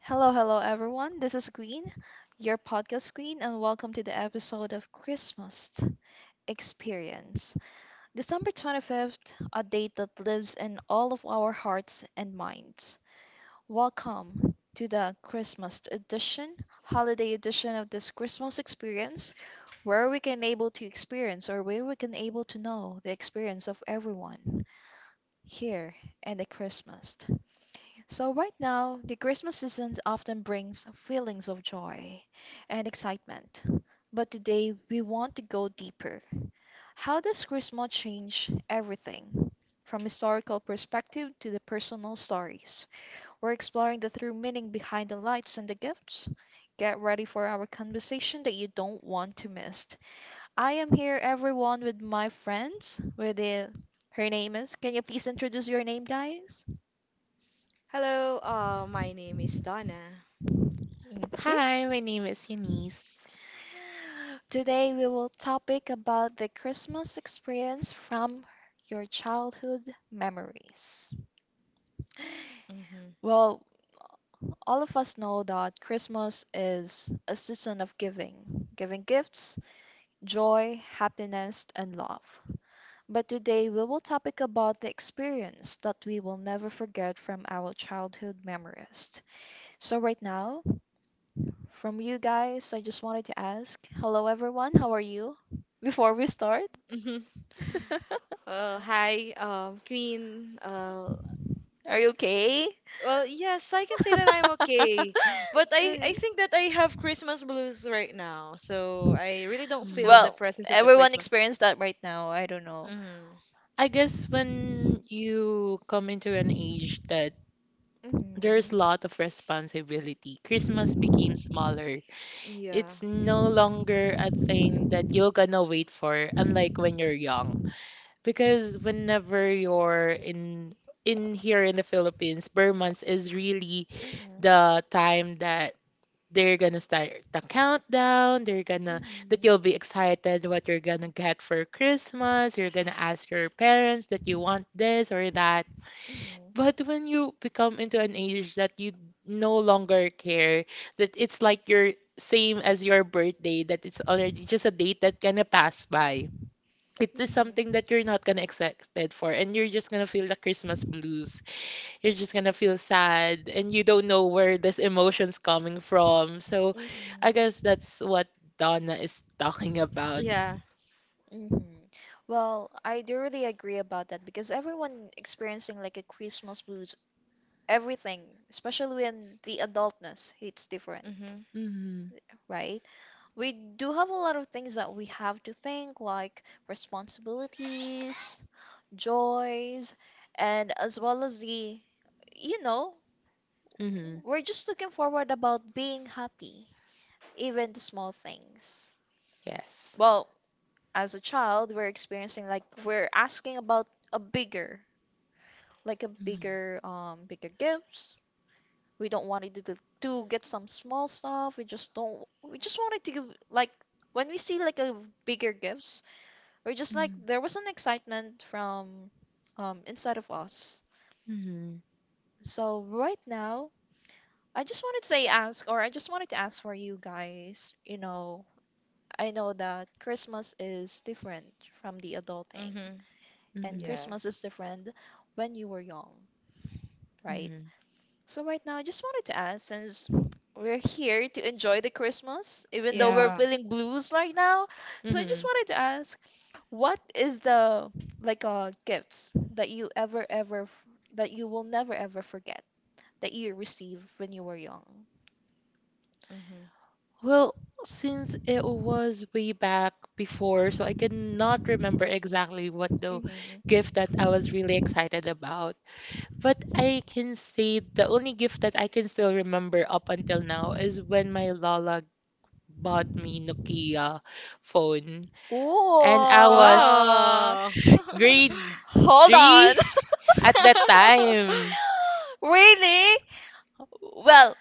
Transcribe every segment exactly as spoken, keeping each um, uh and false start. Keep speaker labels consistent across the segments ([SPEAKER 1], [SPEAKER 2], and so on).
[SPEAKER 1] Hello, hello, everyone. This is Queen, your podcast queen, and welcome to the episode of Christmas Experience. December twenty-fifth, a date that lives in all of our hearts and minds. Welcome to the Christmas edition, holiday edition of this Christmas experience, where we can able to experience or where we can able to know the experience of everyone here in the Christmas. So, right now, the Christmas season often brings feelings of joy and excitement. But today, we want to go deeper. How does Christmas change everything? From historical perspective to the personal stories. We're exploring the true meaning behind the lights and the gifts. Get ready for our conversation that you don't want to miss. I am here everyone with my friends with the her name is. Can you please introduce your name guys?
[SPEAKER 2] Hello, uh, my name is Donna.
[SPEAKER 1] Thank you.
[SPEAKER 3] Hi, my name is Eunice.
[SPEAKER 1] Today we will topic about the Christmas experience from your childhood memories.
[SPEAKER 2] Mm-hmm.
[SPEAKER 1] Well, all of us know that Christmas is a season of giving, giving gifts, joy, happiness, and love. But today we will topic about the experience that we will never forget from our childhood memories. So right now, from you guys, I just wanted to ask, hello everyone, how are you? Before we start?
[SPEAKER 2] Mm-hmm. Well, hi, um, Queen. Uh,
[SPEAKER 1] Are you okay?
[SPEAKER 2] well, yes, I can say that I'm okay, but I I
[SPEAKER 1] Mhm.
[SPEAKER 2] think that I have Christmas blues right now, so I really don't
[SPEAKER 3] Mm.
[SPEAKER 2] feel the
[SPEAKER 1] Well,
[SPEAKER 2] presence of the
[SPEAKER 1] everyone
[SPEAKER 2] Christmas.
[SPEAKER 1] experienced that right now. I don't know.
[SPEAKER 2] Mm-hmm.
[SPEAKER 3] I guess when you come into an age that there's a
[SPEAKER 1] hmm
[SPEAKER 3] lot of responsibility, Christmas became smaller.
[SPEAKER 2] Yeah,
[SPEAKER 3] It's no longer a thing that you're gonna wait for, unlike when you're young. Because whenever you're in in here in the Philippines, Burr months is really
[SPEAKER 1] hmm
[SPEAKER 3] the time that they're gonna start the countdown, they're gonna that
[SPEAKER 1] hmm
[SPEAKER 3] you'll be excited what you're gonna get for Christmas. You're gonna ask your parents that you want this or that. But when you become into an age that you no longer care, that it's like you're same as your birthday, that it's already just a date that gonna pass by. It
[SPEAKER 1] hmm
[SPEAKER 3] is something
[SPEAKER 1] hmm
[SPEAKER 3] that you're not gonna expect for, and you're just gonna feel the Christmas blues. You're just gonna feel sad and you don't know where this emotion's coming from. So I guess
[SPEAKER 1] Mm-hmm.
[SPEAKER 3] that's what Donna is talking about.
[SPEAKER 2] yeah.
[SPEAKER 1] Mm-hmm. Well, I do really agree about that because everyone experiencing like a Christmas blues, everything, especially when the adultness hits different,
[SPEAKER 2] Mm-hmm.
[SPEAKER 3] Mm-hmm.
[SPEAKER 1] right? We do have a lot of things that we have to think, like responsibilities, joys, and as well as the, you know,
[SPEAKER 3] Mm-hmm.
[SPEAKER 1] we're just looking forward about being happy, even the small things.
[SPEAKER 3] Yes.
[SPEAKER 1] Well, as a child, we're experiencing like we're asking about a bigger, like a
[SPEAKER 3] Mm-hmm.
[SPEAKER 1] bigger, um, bigger gifts. We don't want it to to get some small stuff. We just don't. We just wanted to give like when we see like a bigger gifts, we're just like there was an excitement from, um, inside of us.
[SPEAKER 3] Mm-hmm.
[SPEAKER 1] So right now, I just wanted to say ask, or I just wanted to ask for you guys. You know, I know that Christmas is different from the adulting.
[SPEAKER 2] Mm-hmm.
[SPEAKER 1] And
[SPEAKER 3] Mm-hmm.
[SPEAKER 2] Yeah.
[SPEAKER 1] Christmas is different when you were young, right?
[SPEAKER 3] Mm-hmm.
[SPEAKER 1] So right now, I just wanted to ask, since we're here to enjoy the Christmas, even though we're
[SPEAKER 3] Mm-hmm.
[SPEAKER 2] Yeah.
[SPEAKER 1] feeling blues right now, so I just
[SPEAKER 3] hmm
[SPEAKER 1] wanted to ask, what is the like uh gifts that you ever ever f- that you will never ever forget that you received when you were young?
[SPEAKER 2] Mhm.
[SPEAKER 3] Well, since it was way back before, so I cannot remember exactly what the
[SPEAKER 1] hmm
[SPEAKER 3] gift that I was really excited about. But I can say the only gift that I can still remember up until now is when my lola bought me Nokia phone. And I was
[SPEAKER 1] Ooh.
[SPEAKER 2] Wow.
[SPEAKER 3] grade
[SPEAKER 1] Hold
[SPEAKER 3] three
[SPEAKER 1] on.
[SPEAKER 3] at that time.
[SPEAKER 1] Really? Well,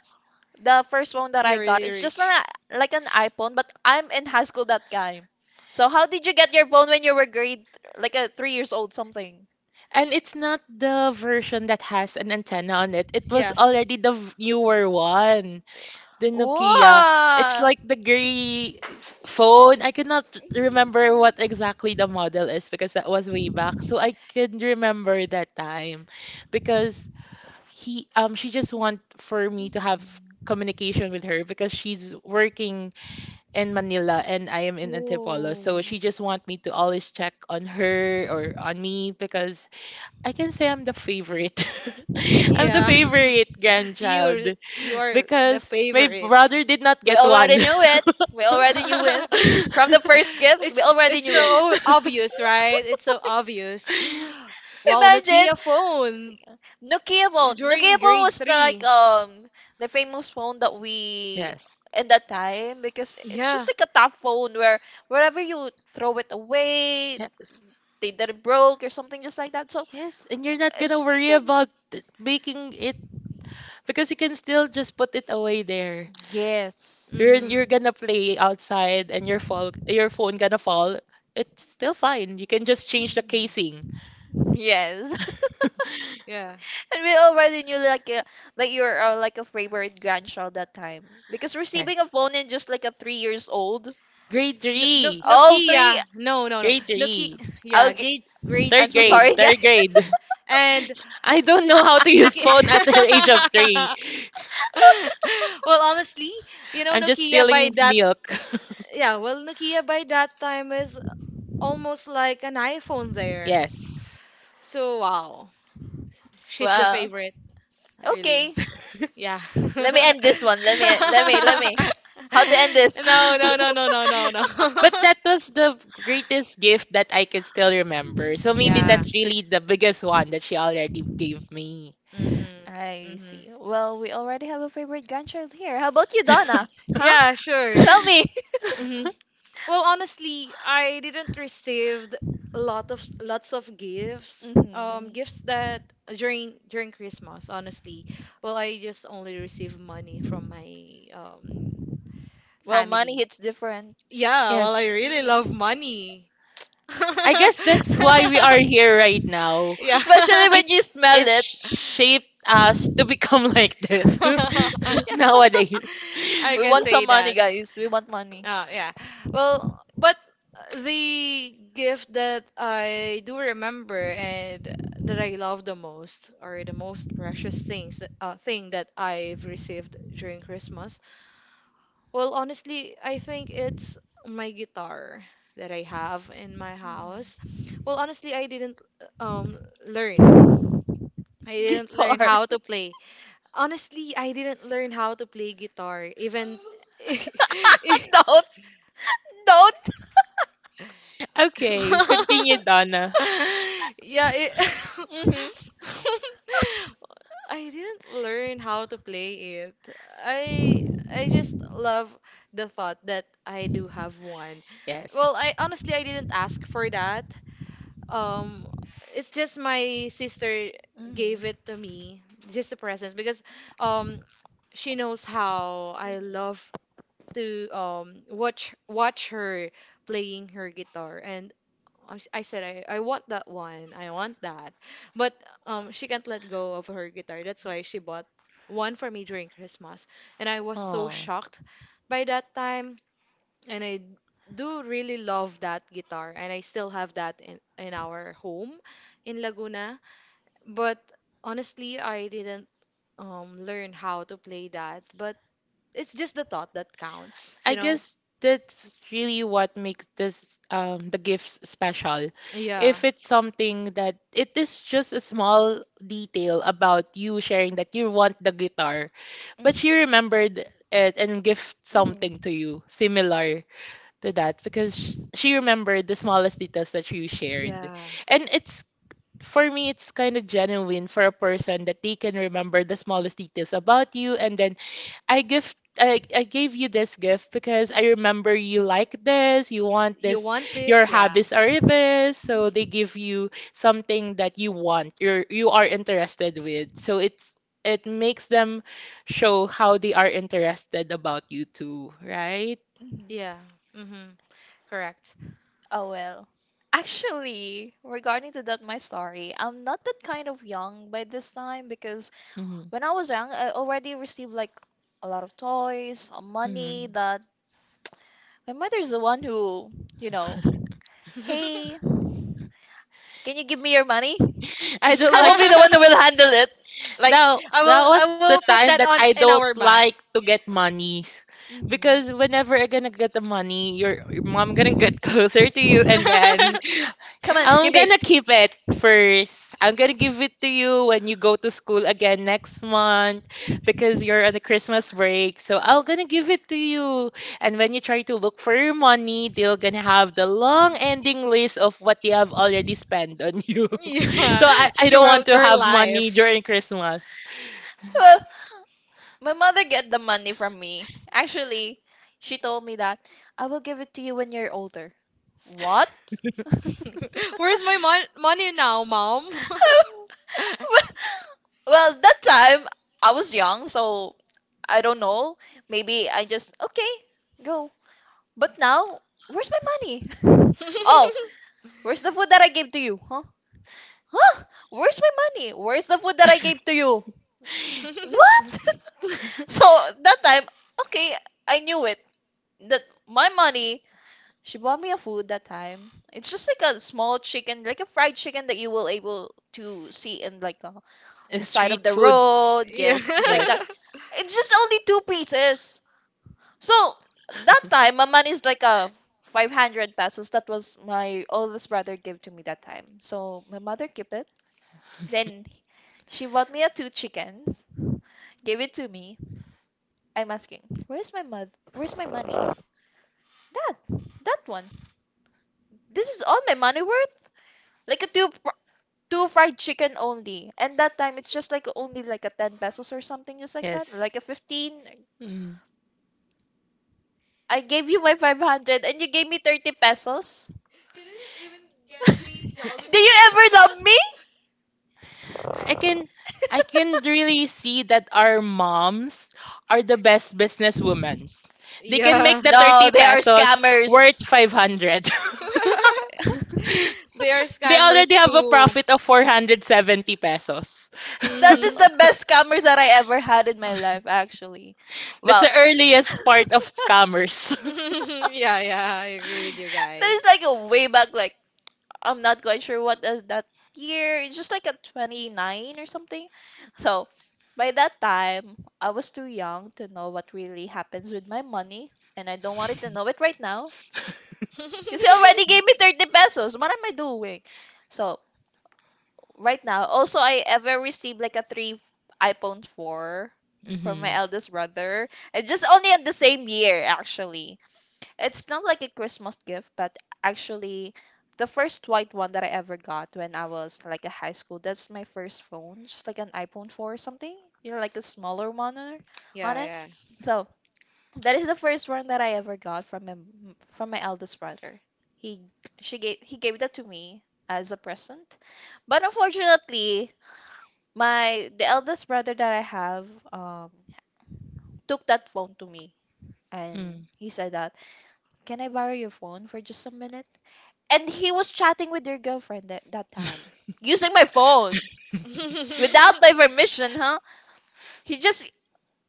[SPEAKER 1] the first one that I
[SPEAKER 2] You're
[SPEAKER 1] got,
[SPEAKER 2] really
[SPEAKER 1] it's just an,
[SPEAKER 2] rich.
[SPEAKER 1] like an iPhone, but I'm in high school that time. So how did you get your phone when you were grade, like a three years old something?
[SPEAKER 3] And it's not the version that has an antenna on it. It was
[SPEAKER 2] Yeah.
[SPEAKER 3] already the v- newer one. The Nokia. It's
[SPEAKER 1] Wow.
[SPEAKER 3] like the gray s- phone. I cannot remember what exactly the model is because that was way back. So I can remember that time because he um she just want for me to have
[SPEAKER 1] Mhm.
[SPEAKER 3] communication with her because she's working in Manila and I am in Antipolo. So
[SPEAKER 1] Ooh.
[SPEAKER 3] she just want me to always check on her or on me because I can say I'm the favorite. I'm the
[SPEAKER 2] Yeah.
[SPEAKER 3] favorite
[SPEAKER 2] You
[SPEAKER 3] grandchild
[SPEAKER 2] re- you are the
[SPEAKER 3] because my
[SPEAKER 2] favorite.
[SPEAKER 3] brother did not
[SPEAKER 1] We
[SPEAKER 3] get one.
[SPEAKER 1] already knew it. We already knew it. From the first gift, we
[SPEAKER 2] It's
[SPEAKER 1] already
[SPEAKER 2] it's
[SPEAKER 1] knew it.
[SPEAKER 2] so obvious, right? It's so obvious. Wow,
[SPEAKER 1] Imagine
[SPEAKER 2] Nokia phone
[SPEAKER 1] Nokia phone.
[SPEAKER 2] during
[SPEAKER 1] Nokia phone
[SPEAKER 2] grade
[SPEAKER 1] was the, like
[SPEAKER 2] three.
[SPEAKER 1] um the famous phone that we
[SPEAKER 3] Yes,
[SPEAKER 1] in that time because it's
[SPEAKER 2] Yeah.
[SPEAKER 1] just like a tough phone where wherever you throw it away,
[SPEAKER 3] yes,
[SPEAKER 1] they didn't broke or something just like that. So
[SPEAKER 3] yes. And you're not
[SPEAKER 1] it's
[SPEAKER 3] gonna
[SPEAKER 1] just
[SPEAKER 3] worry
[SPEAKER 1] like
[SPEAKER 3] about it- making it because you can still just put it away there.
[SPEAKER 1] a, yes,
[SPEAKER 3] You're you're
[SPEAKER 2] Mm-hmm.
[SPEAKER 3] gonna play outside and your fall your phone gonna fall. It's still fine. You can just change the casing.
[SPEAKER 1] yes.
[SPEAKER 2] Yeah.
[SPEAKER 1] And we already knew like uh, that you're uh, like a favorite grandchild that time because
[SPEAKER 3] Yes.
[SPEAKER 1] receiving a phone in just like a three years old.
[SPEAKER 3] Grade
[SPEAKER 2] No, no,
[SPEAKER 3] three.
[SPEAKER 1] Oh,
[SPEAKER 2] Nokia.
[SPEAKER 1] three.
[SPEAKER 2] No, no, no.
[SPEAKER 3] Grade
[SPEAKER 2] Nokia.
[SPEAKER 3] three.
[SPEAKER 2] Yeah,
[SPEAKER 1] Okay.
[SPEAKER 2] grade grade
[SPEAKER 1] I'm
[SPEAKER 3] Third
[SPEAKER 1] so
[SPEAKER 3] grade.
[SPEAKER 2] three.
[SPEAKER 1] sorry,
[SPEAKER 3] Third
[SPEAKER 1] guys.
[SPEAKER 3] grade.
[SPEAKER 2] And
[SPEAKER 3] I don't know how to use
[SPEAKER 2] Nokia.
[SPEAKER 3] phone at the age of three.
[SPEAKER 2] well, honestly, you know,
[SPEAKER 3] I'm just
[SPEAKER 2] Nokia by
[SPEAKER 3] stealing
[SPEAKER 2] that.
[SPEAKER 3] milk.
[SPEAKER 2] Yeah, well, Nokia by that time is almost like an iPhone there.
[SPEAKER 3] Yes.
[SPEAKER 2] So wow, she's the
[SPEAKER 1] Wow.
[SPEAKER 2] favorite, really.
[SPEAKER 1] Okay.
[SPEAKER 2] Yeah.
[SPEAKER 1] Let me end this one. Let me. Let me. Let me. How to end this?
[SPEAKER 2] No, no, no, no, no, no, no.
[SPEAKER 3] But that was the greatest gift that I can still remember. So maybe
[SPEAKER 2] Yeah.
[SPEAKER 3] that's really the biggest one that she already gave me.
[SPEAKER 2] Mm-hmm.
[SPEAKER 1] I
[SPEAKER 2] Mm-hmm.
[SPEAKER 1] see. Well, we already have a favorite grandchild here. How about you, Donna? Huh?
[SPEAKER 2] Yeah, sure.
[SPEAKER 1] Tell me.
[SPEAKER 2] Mm-hmm. Well, honestly, I didn't receive a lot of lots of gifts. Um,
[SPEAKER 1] hmm
[SPEAKER 2] gifts that during during Christmas, honestly. Well, I just only received money from my um
[SPEAKER 1] Well, money
[SPEAKER 2] family.
[SPEAKER 1] hits different.
[SPEAKER 2] Yeah, well, I
[SPEAKER 3] Yes.
[SPEAKER 2] really
[SPEAKER 1] Mm.
[SPEAKER 2] love money.
[SPEAKER 3] I guess that's why we are here right now.
[SPEAKER 2] Yeah.
[SPEAKER 1] Especially
[SPEAKER 3] It
[SPEAKER 1] when you smell
[SPEAKER 3] it
[SPEAKER 1] it.
[SPEAKER 3] shaped us to become like this nowadays.
[SPEAKER 2] I
[SPEAKER 1] We
[SPEAKER 2] can
[SPEAKER 1] want some
[SPEAKER 2] say
[SPEAKER 1] money,
[SPEAKER 2] that.
[SPEAKER 1] guys. We want money.
[SPEAKER 2] Oh, yeah. Well, but the gift that I do remember and that I love the most, or the most precious things, uh, thing that I've received during Christmas, well, honestly, I think it's my guitar that I have in my house.
[SPEAKER 1] Mhm.
[SPEAKER 2] Well, honestly, I didn't um learn. I didn't learn
[SPEAKER 1] Guitar.
[SPEAKER 2] how to play. Honestly, I didn't learn how to play guitar even.
[SPEAKER 1] Don't, don't.
[SPEAKER 3] Okay, continue, Donna.
[SPEAKER 2] Yeah, it
[SPEAKER 1] hmm
[SPEAKER 2] I didn't learn how to play it. I I just love the thought that I do have one.
[SPEAKER 3] Yes.
[SPEAKER 2] Well, I honestly I didn't ask for that. Um, it's just my sister
[SPEAKER 1] hmm
[SPEAKER 2] gave it to me, just a present because um she knows how I love to um watch watch her playing her guitar and I s- I said I, I want that one. I want that. But um she can't let go of her guitar. That's why she bought one for me during Christmas. And I was so
[SPEAKER 3] Oh.
[SPEAKER 2] shocked by that time. And I do really love that guitar. And I still have that in, in our home in Laguna. But honestly, I didn't um learn how to play that. But it's just the thought that counts,
[SPEAKER 3] I
[SPEAKER 2] you know?
[SPEAKER 3] guess that's really what makes this um the gifts special.
[SPEAKER 2] Yeah.
[SPEAKER 3] If it's something that it is just a small detail about you sharing that you want the guitar, but she remembered it and gift
[SPEAKER 1] hmm
[SPEAKER 3] something to you similar to that because sh- she remembered the smallest details that you shared.
[SPEAKER 2] Yeah.
[SPEAKER 3] And it's for me it's kind of genuine for a person that they can remember the smallest details about you, and then I gift I, I gave you this gift because I remember you like this, you want
[SPEAKER 2] You
[SPEAKER 3] this,
[SPEAKER 2] want
[SPEAKER 3] your
[SPEAKER 2] this? Yeah.
[SPEAKER 3] hobbies are this, so they
[SPEAKER 1] Mhm.
[SPEAKER 3] give you something that you want, you're you are interested with. So it's it makes them show how they are interested about you too, right?
[SPEAKER 1] Mhm.
[SPEAKER 2] Yeah. Mm-hmm. Correct.
[SPEAKER 1] Oh well. Actually, regarding to that my story, I'm not that kind of young by this time because
[SPEAKER 3] Hmm.
[SPEAKER 1] when I was young, I already received like a lot of toys, uh, money
[SPEAKER 3] Hmm.
[SPEAKER 1] that my mother's the one who, you know, hey, can you give me your money?
[SPEAKER 3] I don't
[SPEAKER 1] I will
[SPEAKER 3] like.
[SPEAKER 1] be the one who will handle it. Like,
[SPEAKER 3] That,
[SPEAKER 2] I
[SPEAKER 3] that
[SPEAKER 2] will I
[SPEAKER 3] was the
[SPEAKER 2] will put
[SPEAKER 3] time
[SPEAKER 2] that
[SPEAKER 3] that
[SPEAKER 2] on
[SPEAKER 3] I
[SPEAKER 2] in
[SPEAKER 3] don't
[SPEAKER 2] our bank.
[SPEAKER 3] like to get money.
[SPEAKER 1] mhm.
[SPEAKER 3] Because whenever I'm gonna get the money, your, your mom gonna get closer to you, and then
[SPEAKER 1] Come on,
[SPEAKER 3] I'm
[SPEAKER 1] give me.
[SPEAKER 3] gonna keep it first. I'm gonna give it to you when you go to school again next month because you're on a Christmas break. So I'm gonna give it to you. And when you try to look for your money, they're gonna have the long ending list of what they have already spent on you.
[SPEAKER 2] Yeah,
[SPEAKER 3] So I, I don't want
[SPEAKER 2] throughout
[SPEAKER 3] to
[SPEAKER 2] your
[SPEAKER 3] have money
[SPEAKER 2] life.
[SPEAKER 3] during Christmas.
[SPEAKER 1] Well, my mother get the money from me. Actually, she told me that I will give it to you when you're older. What?
[SPEAKER 2] Where's my mon money now, mom?
[SPEAKER 1] Well, that time I was young, so I don't know. Maybe I just okay, go. But now, where's my money? Oh, where's the food that I gave to you? Huh? Huh? Where's my money? Where's the food that I gave to you? What? So that time, okay, I knew it that my money she bought me a food that time. It's just like a small chicken, like a fried chicken that you will able to see in like uh, the side of
[SPEAKER 3] Street
[SPEAKER 1] the
[SPEAKER 3] foods.
[SPEAKER 1] road.
[SPEAKER 2] Yeah.
[SPEAKER 1] Yes, just like
[SPEAKER 3] Yes.
[SPEAKER 1] that. It's just only two pieces. So that time, my money is like a five hundred pesos. That was my oldest brother gave to me that time. So my mother kept it. Then she bought me a two chickens, gave it to me. I'm asking, where's my mother? Where's my money? That, that one. This is all my money worth. Like a two two fried chicken only. And that time it's just like only like a ten pesos or something just like that,
[SPEAKER 3] Yes.
[SPEAKER 1] like a fifteen.
[SPEAKER 3] Mm.
[SPEAKER 1] I gave you my five hundred and you gave me thirty pesos. Do you ever love me?
[SPEAKER 3] I can I can really see that our moms are the best business women. They can make
[SPEAKER 2] Yeah.
[SPEAKER 3] the
[SPEAKER 1] No,
[SPEAKER 3] thirty
[SPEAKER 1] they are
[SPEAKER 3] pesos worth
[SPEAKER 1] scammers.
[SPEAKER 3] five hundred.
[SPEAKER 2] They are
[SPEAKER 3] They
[SPEAKER 2] scammers
[SPEAKER 3] already have a
[SPEAKER 2] too.
[SPEAKER 3] profit of four hundred seventy pesos.
[SPEAKER 1] That is
[SPEAKER 2] Mhm.
[SPEAKER 1] the best scammer that I ever had in my life actually.
[SPEAKER 3] That's
[SPEAKER 1] Well,
[SPEAKER 3] the
[SPEAKER 1] that
[SPEAKER 3] earliest part of scammers.
[SPEAKER 2] Yeah, yeah, I agree with you guys.
[SPEAKER 1] is like a way back like I'm not quite sure what is that year. It's just like a twenty-nine or something. So by that time, I was too young to know what really happens with my money, and I don't want it to know it right now because he already gave me thirty pesos. What am I doing? So right now, also I ever received like a three iPhone four from my
[SPEAKER 3] Hmm.
[SPEAKER 1] eldest brother, and just only in the same year actually. It's not like a Christmas gift, but actually the first white one that I ever got when I was like a high school, that's my first phone, just like an iPhone four or something, you know, like a smaller one on on
[SPEAKER 2] Yeah,
[SPEAKER 1] it.
[SPEAKER 2] yeah.
[SPEAKER 1] So that is the first one that I ever got from my m- from my eldest brother. He she gave he gave that to me as a present. But unfortunately, my the eldest brother that I have um took that phone to me and
[SPEAKER 3] Hmm.
[SPEAKER 1] he said that, "Can I borrow your phone for just a minute?" And he was chatting with your girlfriend that, that time using my phone without my permission. Huh, he just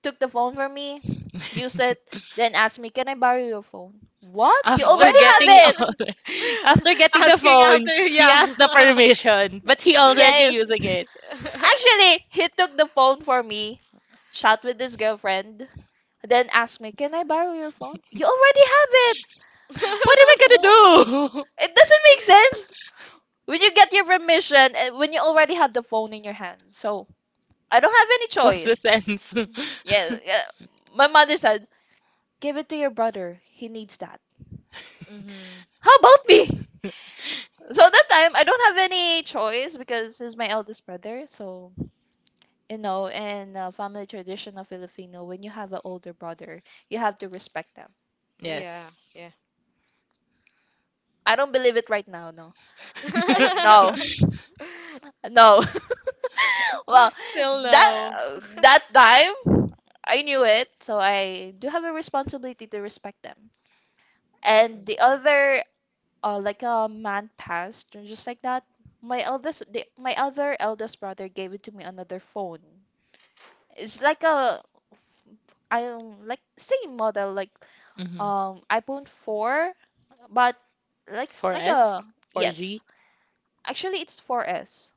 [SPEAKER 1] took the phone from me, used it, then asked me, can I borrow your phone? What, you
[SPEAKER 3] After
[SPEAKER 1] already have
[SPEAKER 2] What?
[SPEAKER 3] getting
[SPEAKER 1] it.
[SPEAKER 3] after getting the
[SPEAKER 2] Asking
[SPEAKER 3] phone,
[SPEAKER 2] after,
[SPEAKER 3] he
[SPEAKER 2] yeah.
[SPEAKER 3] asked the permission, but he already
[SPEAKER 1] Yeah,
[SPEAKER 3] using it.
[SPEAKER 1] actually he took the phone for me, chat with his girlfriend, then asked me, can I borrow your phone? You already have it.
[SPEAKER 3] What am I
[SPEAKER 1] Wh-
[SPEAKER 3] gonna do?
[SPEAKER 1] it doesn't make sense when you get your permission and when you already have the phone in your hand, so I don't have any
[SPEAKER 3] What's the
[SPEAKER 1] choice.
[SPEAKER 3] sense?
[SPEAKER 1] Yeah, yeah. My mother said, "Give it to your brother. He needs that."
[SPEAKER 2] Mm-hmm.
[SPEAKER 1] How about me? So that time I don't have any choice because he's my eldest brother. So you know, in uh, family tradition of Filipino, when you have an older brother, you have to respect them.
[SPEAKER 2] Yeah,
[SPEAKER 3] Yes.
[SPEAKER 2] yeah.
[SPEAKER 1] I don't believe it right now. No, I, no, no. Well,
[SPEAKER 2] Still
[SPEAKER 1] that
[SPEAKER 2] no.
[SPEAKER 1] uh,
[SPEAKER 2] Mhm.
[SPEAKER 1] that time I knew it, so I do have a responsibility to respect them. And the other uh, like a month passed, and just like that, my eldest, the, my other eldest brother gave it to me another phone. It's like a I um, like same model like
[SPEAKER 3] Hmm.
[SPEAKER 1] um iPhone four, but like s- like a
[SPEAKER 3] S,
[SPEAKER 1] yes,
[SPEAKER 3] four G.
[SPEAKER 1] actually it's four S.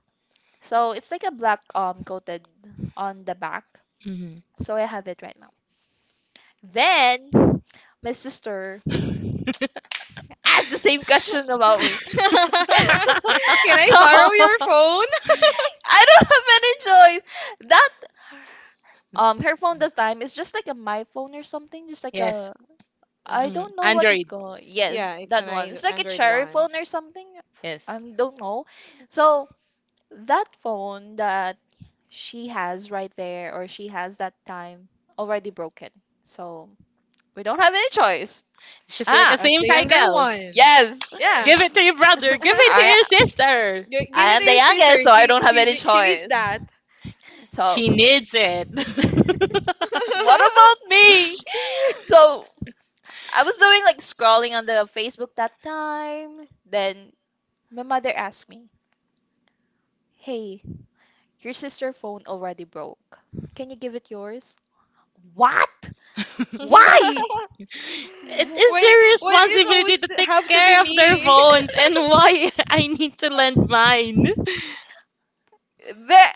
[SPEAKER 1] So it's like a black um coated on the back.
[SPEAKER 3] Hmm.
[SPEAKER 1] So I have it right now. Then my sister asked the same question about me.
[SPEAKER 2] Can I
[SPEAKER 1] So I
[SPEAKER 2] borrow your
[SPEAKER 1] don't
[SPEAKER 2] phone?
[SPEAKER 1] have any choice. That Um, her phone this time is just like a my phone or something, just like
[SPEAKER 3] Yes.
[SPEAKER 1] a I
[SPEAKER 2] Mhm.
[SPEAKER 3] Mm.
[SPEAKER 1] don't know what it
[SPEAKER 3] Android.
[SPEAKER 1] called. Yes,
[SPEAKER 2] Yeah, it's
[SPEAKER 1] that
[SPEAKER 2] an
[SPEAKER 1] one.
[SPEAKER 2] Andro-
[SPEAKER 1] It's like a
[SPEAKER 2] Android
[SPEAKER 1] cherry
[SPEAKER 2] one.
[SPEAKER 1] phone or something. I
[SPEAKER 3] Yes.
[SPEAKER 1] don't know. So that phone that she has right there or she has that time already broken. So we don't have any choice.
[SPEAKER 3] It's just like a
[SPEAKER 1] Ah,
[SPEAKER 2] As
[SPEAKER 3] same
[SPEAKER 2] the younger
[SPEAKER 3] cycle.
[SPEAKER 2] one.
[SPEAKER 1] yes.
[SPEAKER 2] Yeah.
[SPEAKER 3] Give it to your brother. Give it to
[SPEAKER 1] I
[SPEAKER 3] your sister.
[SPEAKER 2] Gi- Give
[SPEAKER 1] I
[SPEAKER 2] it
[SPEAKER 1] am
[SPEAKER 2] to
[SPEAKER 1] the
[SPEAKER 2] your sister.
[SPEAKER 1] youngest, so I
[SPEAKER 2] She
[SPEAKER 1] don't have any
[SPEAKER 2] she she needs
[SPEAKER 1] choice.
[SPEAKER 2] that.
[SPEAKER 1] So
[SPEAKER 3] She needs it.
[SPEAKER 1] what about me? So I was doing like scrolling on the Facebook that time. Then my mother asked me, "Hey, your sister phone already broke. Can you give it yours?" What? Why?
[SPEAKER 3] It
[SPEAKER 1] Wh-
[SPEAKER 3] is
[SPEAKER 2] Wait,
[SPEAKER 3] their
[SPEAKER 2] why is
[SPEAKER 3] responsibility
[SPEAKER 2] always
[SPEAKER 3] to take
[SPEAKER 2] have to be
[SPEAKER 3] care of their
[SPEAKER 2] me?
[SPEAKER 3] phones, and why I need to lend mine.
[SPEAKER 1] that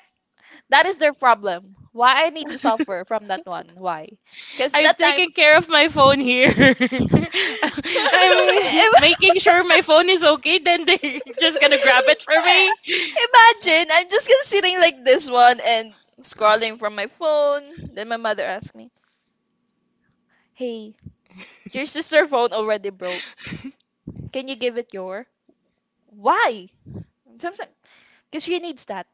[SPEAKER 1] that is their problem. Why I need to suffer from that one? Why? Because
[SPEAKER 3] I've
[SPEAKER 1] that time,
[SPEAKER 3] taken care of my phone here. I'm making sure my phone is okay, then they're just gonna grab it for me.
[SPEAKER 1] imagine I'm just gonna sitting like this one and scrolling from my phone. Then my mother asked me, "Hey, your sister phone already broke. Can you give it your?" Why? So I'm like, because she needs that.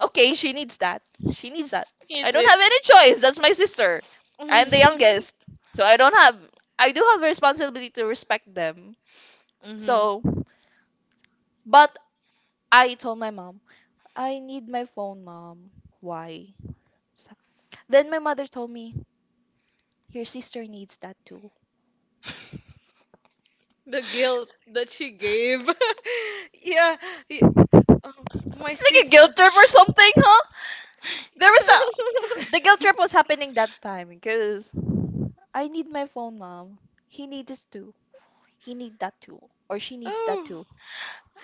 [SPEAKER 1] Okay, she needs that. She needs that. I
[SPEAKER 3] Is
[SPEAKER 1] don't
[SPEAKER 3] it?
[SPEAKER 1] have any choice. That's my sister. I'm the youngest. So I don't have, I do have a responsibility to respect them.
[SPEAKER 2] hmm
[SPEAKER 1] So, but I told my mom, I need my phone, mom. Why? So, then my mother told me, your sister needs that too.
[SPEAKER 2] The guilt that she gave. Yeah. y- Oh, my
[SPEAKER 1] It's like a
[SPEAKER 2] sis.
[SPEAKER 1] guilt trip or something, huh? There was a, the guilt trip was happening that time because I need my phone, mom. He needs it too. He need that too or she needs that
[SPEAKER 2] Oh.
[SPEAKER 1] too.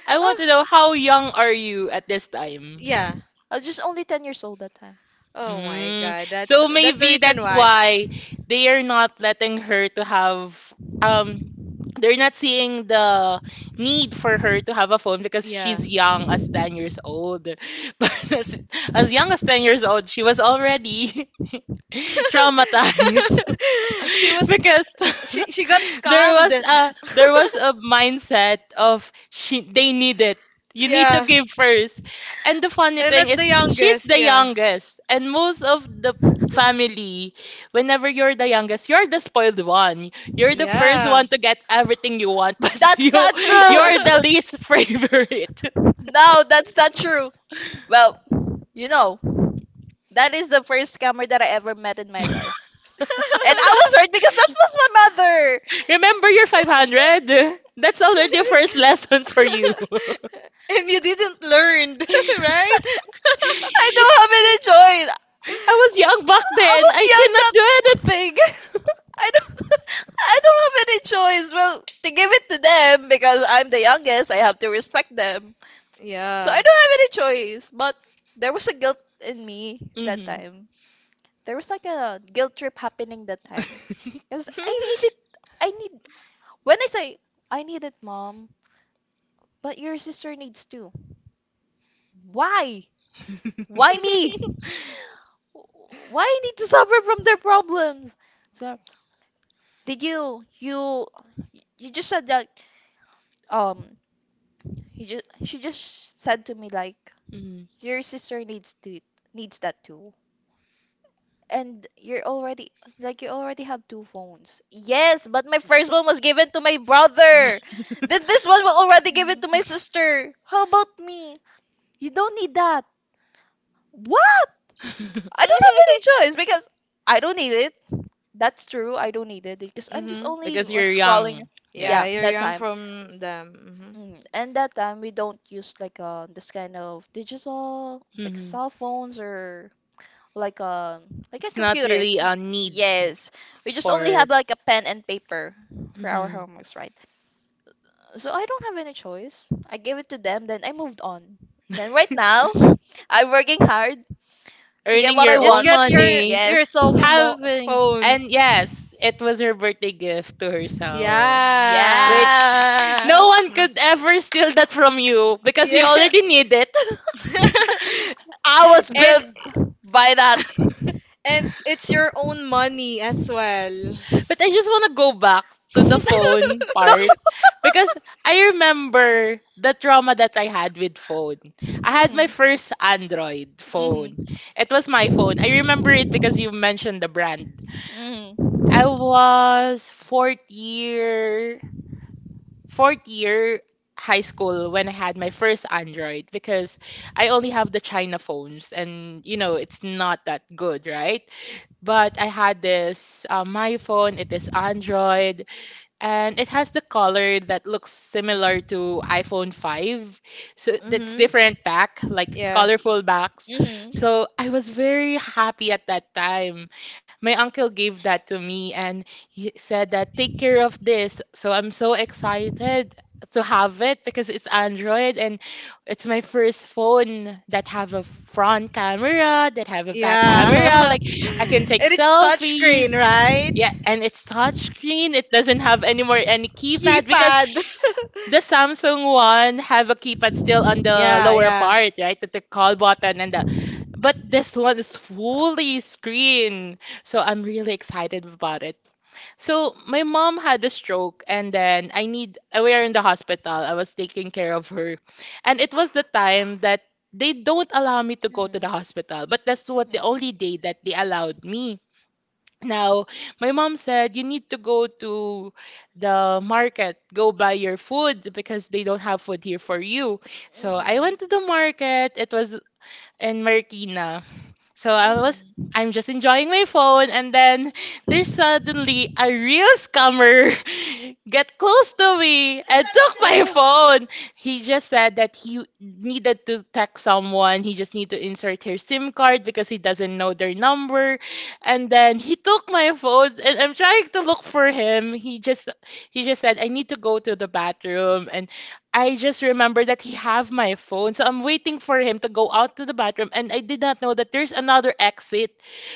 [SPEAKER 3] I want
[SPEAKER 2] Oh.
[SPEAKER 3] to know how young are you at this time?
[SPEAKER 2] Yeah.
[SPEAKER 1] I was just only ten years old years old that time.
[SPEAKER 2] Oh my
[SPEAKER 3] Mm.
[SPEAKER 2] God. That's
[SPEAKER 3] So
[SPEAKER 2] that's the
[SPEAKER 3] maybe
[SPEAKER 2] reason
[SPEAKER 3] that's
[SPEAKER 2] why.
[SPEAKER 3] why they are not letting her to have um they're not seeing the need for her to have a phone because
[SPEAKER 2] Yeah.
[SPEAKER 3] she's young as ten years old. But as, as young as ten years old, she was already traumatized.
[SPEAKER 2] She was
[SPEAKER 3] because
[SPEAKER 2] she she got
[SPEAKER 3] there was
[SPEAKER 2] scammed.
[SPEAKER 3] a there was a mindset of she they need it, you need to
[SPEAKER 2] Yeah.
[SPEAKER 3] give first. And the funny
[SPEAKER 2] And
[SPEAKER 3] thing
[SPEAKER 2] that's the
[SPEAKER 3] is she's
[SPEAKER 2] youngest,
[SPEAKER 3] the
[SPEAKER 2] yeah.
[SPEAKER 3] youngest, and most of the family, whenever you're the youngest you're the spoiled one, you're the first
[SPEAKER 2] Yeah.
[SPEAKER 3] one to get everything you want, but
[SPEAKER 1] That's
[SPEAKER 3] you
[SPEAKER 1] not true.
[SPEAKER 3] you're the least favorite.
[SPEAKER 1] No, that's not true. Well, you know, that is the first scammer that I ever met in my life. And I was hurt because that was my mother.
[SPEAKER 3] Remember your five hundred, that's already a first lesson for you.
[SPEAKER 2] And you didn't learn, right?
[SPEAKER 1] I don't have any choice.
[SPEAKER 3] I was
[SPEAKER 1] I
[SPEAKER 3] young back
[SPEAKER 1] I
[SPEAKER 3] then.
[SPEAKER 1] was
[SPEAKER 3] I
[SPEAKER 1] young
[SPEAKER 3] cannot
[SPEAKER 1] that
[SPEAKER 3] do anything.
[SPEAKER 1] I don't I don't have any choice. Well, to give it to them because I'm the youngest, I have to respect them. So I
[SPEAKER 2] Yeah.
[SPEAKER 1] don't have any choice, but there was a guilt in me that
[SPEAKER 3] Mm-hmm.
[SPEAKER 1] time. There was like a guilt trip happening that time. Because I need it. I need. When I say, I need it, mom, but your sister needs too. Why? Why me? Why I need to suffer from their problems? So, did you, you, you just said that, um, you just, she just said to me like,
[SPEAKER 3] Mm-hmm.
[SPEAKER 1] your sister needs to, needs that too. And you're already like you already have two phones. Yes, but my first one was given to my brother. Then this one will already give it to my sister. How about me? You don't need that. What? I don't have any choice because I don't need it. That's true. I don't need it because I'm just
[SPEAKER 2] Mm-hmm.
[SPEAKER 1] only
[SPEAKER 3] Because
[SPEAKER 1] like
[SPEAKER 3] you're
[SPEAKER 1] scrolling.
[SPEAKER 3] young.
[SPEAKER 2] Yeah,
[SPEAKER 1] Yeah,
[SPEAKER 3] Yes.
[SPEAKER 2] you're
[SPEAKER 1] that
[SPEAKER 2] young
[SPEAKER 1] time.
[SPEAKER 2] from them.
[SPEAKER 1] Mm. And that time we don't use like uh this kind of digital. It's like
[SPEAKER 3] Hmm.
[SPEAKER 1] cell phones or like a like a
[SPEAKER 3] It's not really
[SPEAKER 1] computers.
[SPEAKER 3] a need
[SPEAKER 1] Yes, we just only
[SPEAKER 3] for
[SPEAKER 1] have like a pen and paper for our
[SPEAKER 3] mhm.
[SPEAKER 1] homeworks, right? So I don't have any choice. I gave it to them, then I moved on. Then right now, I'm working hard to get
[SPEAKER 3] Earning
[SPEAKER 1] what I
[SPEAKER 3] your
[SPEAKER 2] Hmm Just
[SPEAKER 1] want.
[SPEAKER 3] own
[SPEAKER 2] get your
[SPEAKER 3] money.
[SPEAKER 1] Yes.
[SPEAKER 2] yourself a mo-
[SPEAKER 3] Having
[SPEAKER 2] phone.
[SPEAKER 3] and yes, it was her birthday gift to herself,
[SPEAKER 2] Yeah.
[SPEAKER 3] which
[SPEAKER 1] Yeah.
[SPEAKER 3] no one could ever steal that from you because you
[SPEAKER 2] Yeah.
[SPEAKER 3] already need it.
[SPEAKER 1] I was
[SPEAKER 2] And
[SPEAKER 1] built by that.
[SPEAKER 2] and it's your own money as well.
[SPEAKER 3] But I just want to go back to the phone
[SPEAKER 1] No.
[SPEAKER 3] part because I remember the trauma that I had with phone. I had my
[SPEAKER 1] Mhm.
[SPEAKER 3] first Android
[SPEAKER 1] Mhm.
[SPEAKER 3] phone. It was my phone. I remember it because you mentioned the brand.
[SPEAKER 1] Mhm.
[SPEAKER 3] I was fourth year fourth year high school when I had my first Android because I only have the China phones and you know it's not that good, right? But I had this uh, my phone, it is Android, and it has the color that looks similar to iPhone five. So that's
[SPEAKER 2] hmm
[SPEAKER 3] different back, like it's
[SPEAKER 2] Yeah.
[SPEAKER 3] colorful backs.
[SPEAKER 1] Mhm.
[SPEAKER 3] So I was very happy at that time. My uncle gave that to me and he said that take care of this. So I'm so excited to have it because it's Android and it's my first phone that have a front camera, that have a back camera.
[SPEAKER 2] Yeah.
[SPEAKER 3] Like I can take
[SPEAKER 2] And it's touchscreen,
[SPEAKER 3] selfies.
[SPEAKER 2] right?
[SPEAKER 3] Yeah, and it's touchscreen. It doesn't have anymore any keypad because
[SPEAKER 2] Keypad.
[SPEAKER 3] the Samsung one have a keypad still on the
[SPEAKER 2] yeah,
[SPEAKER 3] lower
[SPEAKER 2] yeah.
[SPEAKER 3] part, right? The, the call button and the but this one is fully screen. So I'm really excited about it. So my mom had a stroke and then I need we are in the hospital. I was taking care of her. And it was the time that they don't allow me to go to
[SPEAKER 1] Mhm.
[SPEAKER 3] the hospital, but that's what
[SPEAKER 1] Mhm.
[SPEAKER 3] the only day that they allowed me. Now, my mom said you need to go to the market, go buy your food because they don't have food here for you. So I
[SPEAKER 1] Mhm.
[SPEAKER 3] went to the market. It was in Marikina. So I was
[SPEAKER 1] Mhm.
[SPEAKER 3] I'm just enjoying my phone, and then there's suddenly a real scammer get close to me and took my
[SPEAKER 2] Oh,
[SPEAKER 3] phone. He just said that he needed to text someone. He just need to insert her SIM card because he doesn't know their number. And then he took my phone and I'm trying to look for him. He just he just said I need to go to the bathroom, and I just remember that he have my phone. So I'm waiting for him to go out to the bathroom and I did not know that there's another exit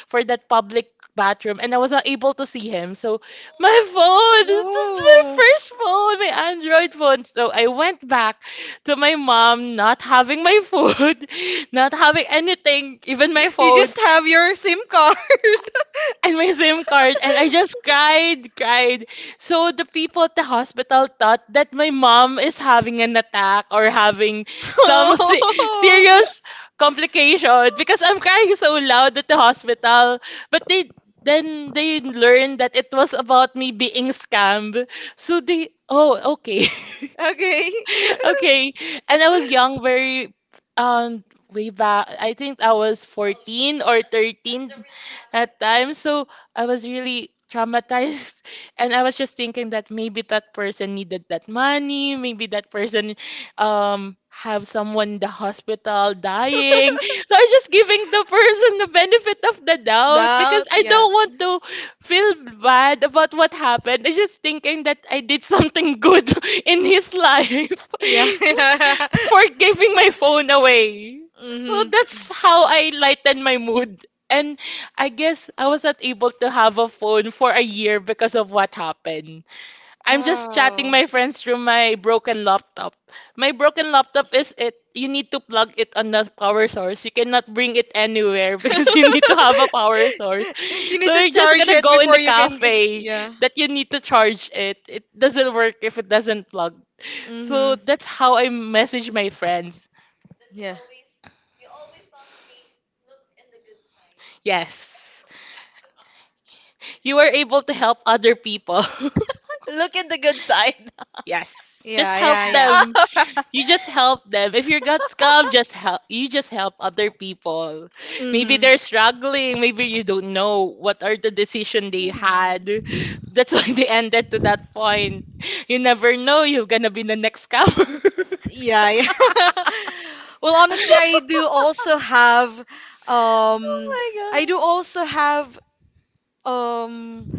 [SPEAKER 3] for that public bathroom, and I was not able to see him. So my phone, this is my
[SPEAKER 2] no.
[SPEAKER 3] first phone, my Android phone. So I went back to my mom not having my food, not having anything, even my
[SPEAKER 2] You
[SPEAKER 3] phone
[SPEAKER 2] just have your SIM card.
[SPEAKER 3] and my SIM card, and I just cried, cried. So the people at the hospital thought that my mom is having an attack or having some se-
[SPEAKER 2] Oh,
[SPEAKER 3] serious complication because I'm crying so loud at the hospital. But they then they learned that it was about me being scammed. So they, oh, okay.
[SPEAKER 2] okay.
[SPEAKER 3] Okay. And I was young, very um way back. I think I was fourteen or thirteen at time. So I was really traumatized and I was just thinking that maybe that person needed that money, maybe that person um have someone in the hospital dying. So I just giving the person the benefit of the doubt because
[SPEAKER 2] Doubt,
[SPEAKER 3] I
[SPEAKER 2] yeah.
[SPEAKER 3] don't want to feel bad about what happened. I just thinking that I did something good in his life
[SPEAKER 2] Yeah, yeah.
[SPEAKER 3] for giving my phone away. So
[SPEAKER 2] Mm-hmm.
[SPEAKER 3] that's how I lightened my mood. And I guess I was not able to have a phone for a year because of what happened. I'm just chatting
[SPEAKER 2] Oh.
[SPEAKER 3] my friends through my broken laptop. My broken laptop is it you need to plug it on the power source. You cannot bring it anywhere because you need to have a power source.
[SPEAKER 2] You need
[SPEAKER 3] So
[SPEAKER 2] to
[SPEAKER 3] you're just
[SPEAKER 2] charge
[SPEAKER 3] gonna
[SPEAKER 2] it
[SPEAKER 3] go in
[SPEAKER 2] before
[SPEAKER 3] the
[SPEAKER 2] you can.
[SPEAKER 3] cafe
[SPEAKER 2] Yeah.
[SPEAKER 3] that you need to charge it. It doesn't work if it doesn't plug. So
[SPEAKER 2] Mm-hmm.
[SPEAKER 3] that's how I message my friends.
[SPEAKER 2] Yeah.
[SPEAKER 3] Yes. You are able to help other people.
[SPEAKER 1] Look at the good side.
[SPEAKER 3] Yes. Just
[SPEAKER 2] Yeah,
[SPEAKER 3] help
[SPEAKER 2] yeah, yeah.
[SPEAKER 3] them.
[SPEAKER 1] Oh.
[SPEAKER 3] You just help them. If you got scammed, just help. You just help other people. Maybe
[SPEAKER 2] Mm-hmm.
[SPEAKER 3] they're struggling. Maybe you don't know what are the decision they had.
[SPEAKER 1] Mhm.
[SPEAKER 3] That's why they ended to that point. You never know. You're gonna be the next scammer.
[SPEAKER 2] Yeah, yeah. Well, honestly, I do also have um I
[SPEAKER 1] My god.
[SPEAKER 2] do also have um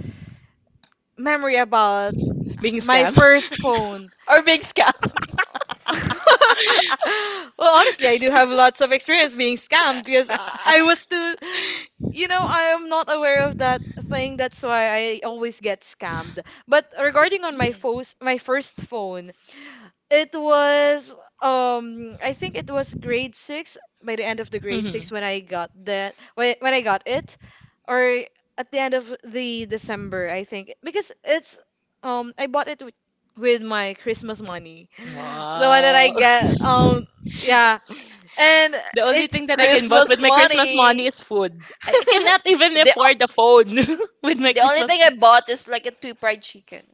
[SPEAKER 2] memory about
[SPEAKER 3] Being
[SPEAKER 2] my
[SPEAKER 3] scammed.
[SPEAKER 2] first phone.
[SPEAKER 1] Or big scam.
[SPEAKER 2] Well, honestly, I do have lots of experience being scammed because I I was too, you know, I am not aware of that thing. That's why I always get scammed. But regarding on my
[SPEAKER 1] Mhm.
[SPEAKER 2] phone, my first phone, it was um I think it was grade six by the end of the grade
[SPEAKER 3] Hmm.
[SPEAKER 2] six when I got that when when I got it, or at the end of the December I think, because it's um I bought it with, with my Christmas money, the one that I
[SPEAKER 3] Wow.
[SPEAKER 2] get. Um yeah and
[SPEAKER 3] The only
[SPEAKER 2] it
[SPEAKER 3] thing that I can buy
[SPEAKER 1] Christmas
[SPEAKER 3] with my Christmas money
[SPEAKER 1] money.
[SPEAKER 3] is food. I I cannot even
[SPEAKER 1] The
[SPEAKER 3] afford the
[SPEAKER 1] o-
[SPEAKER 3] phone with my
[SPEAKER 1] the only
[SPEAKER 3] Christmas
[SPEAKER 1] thing I
[SPEAKER 3] mo-
[SPEAKER 1] bought is like a two fried chicken.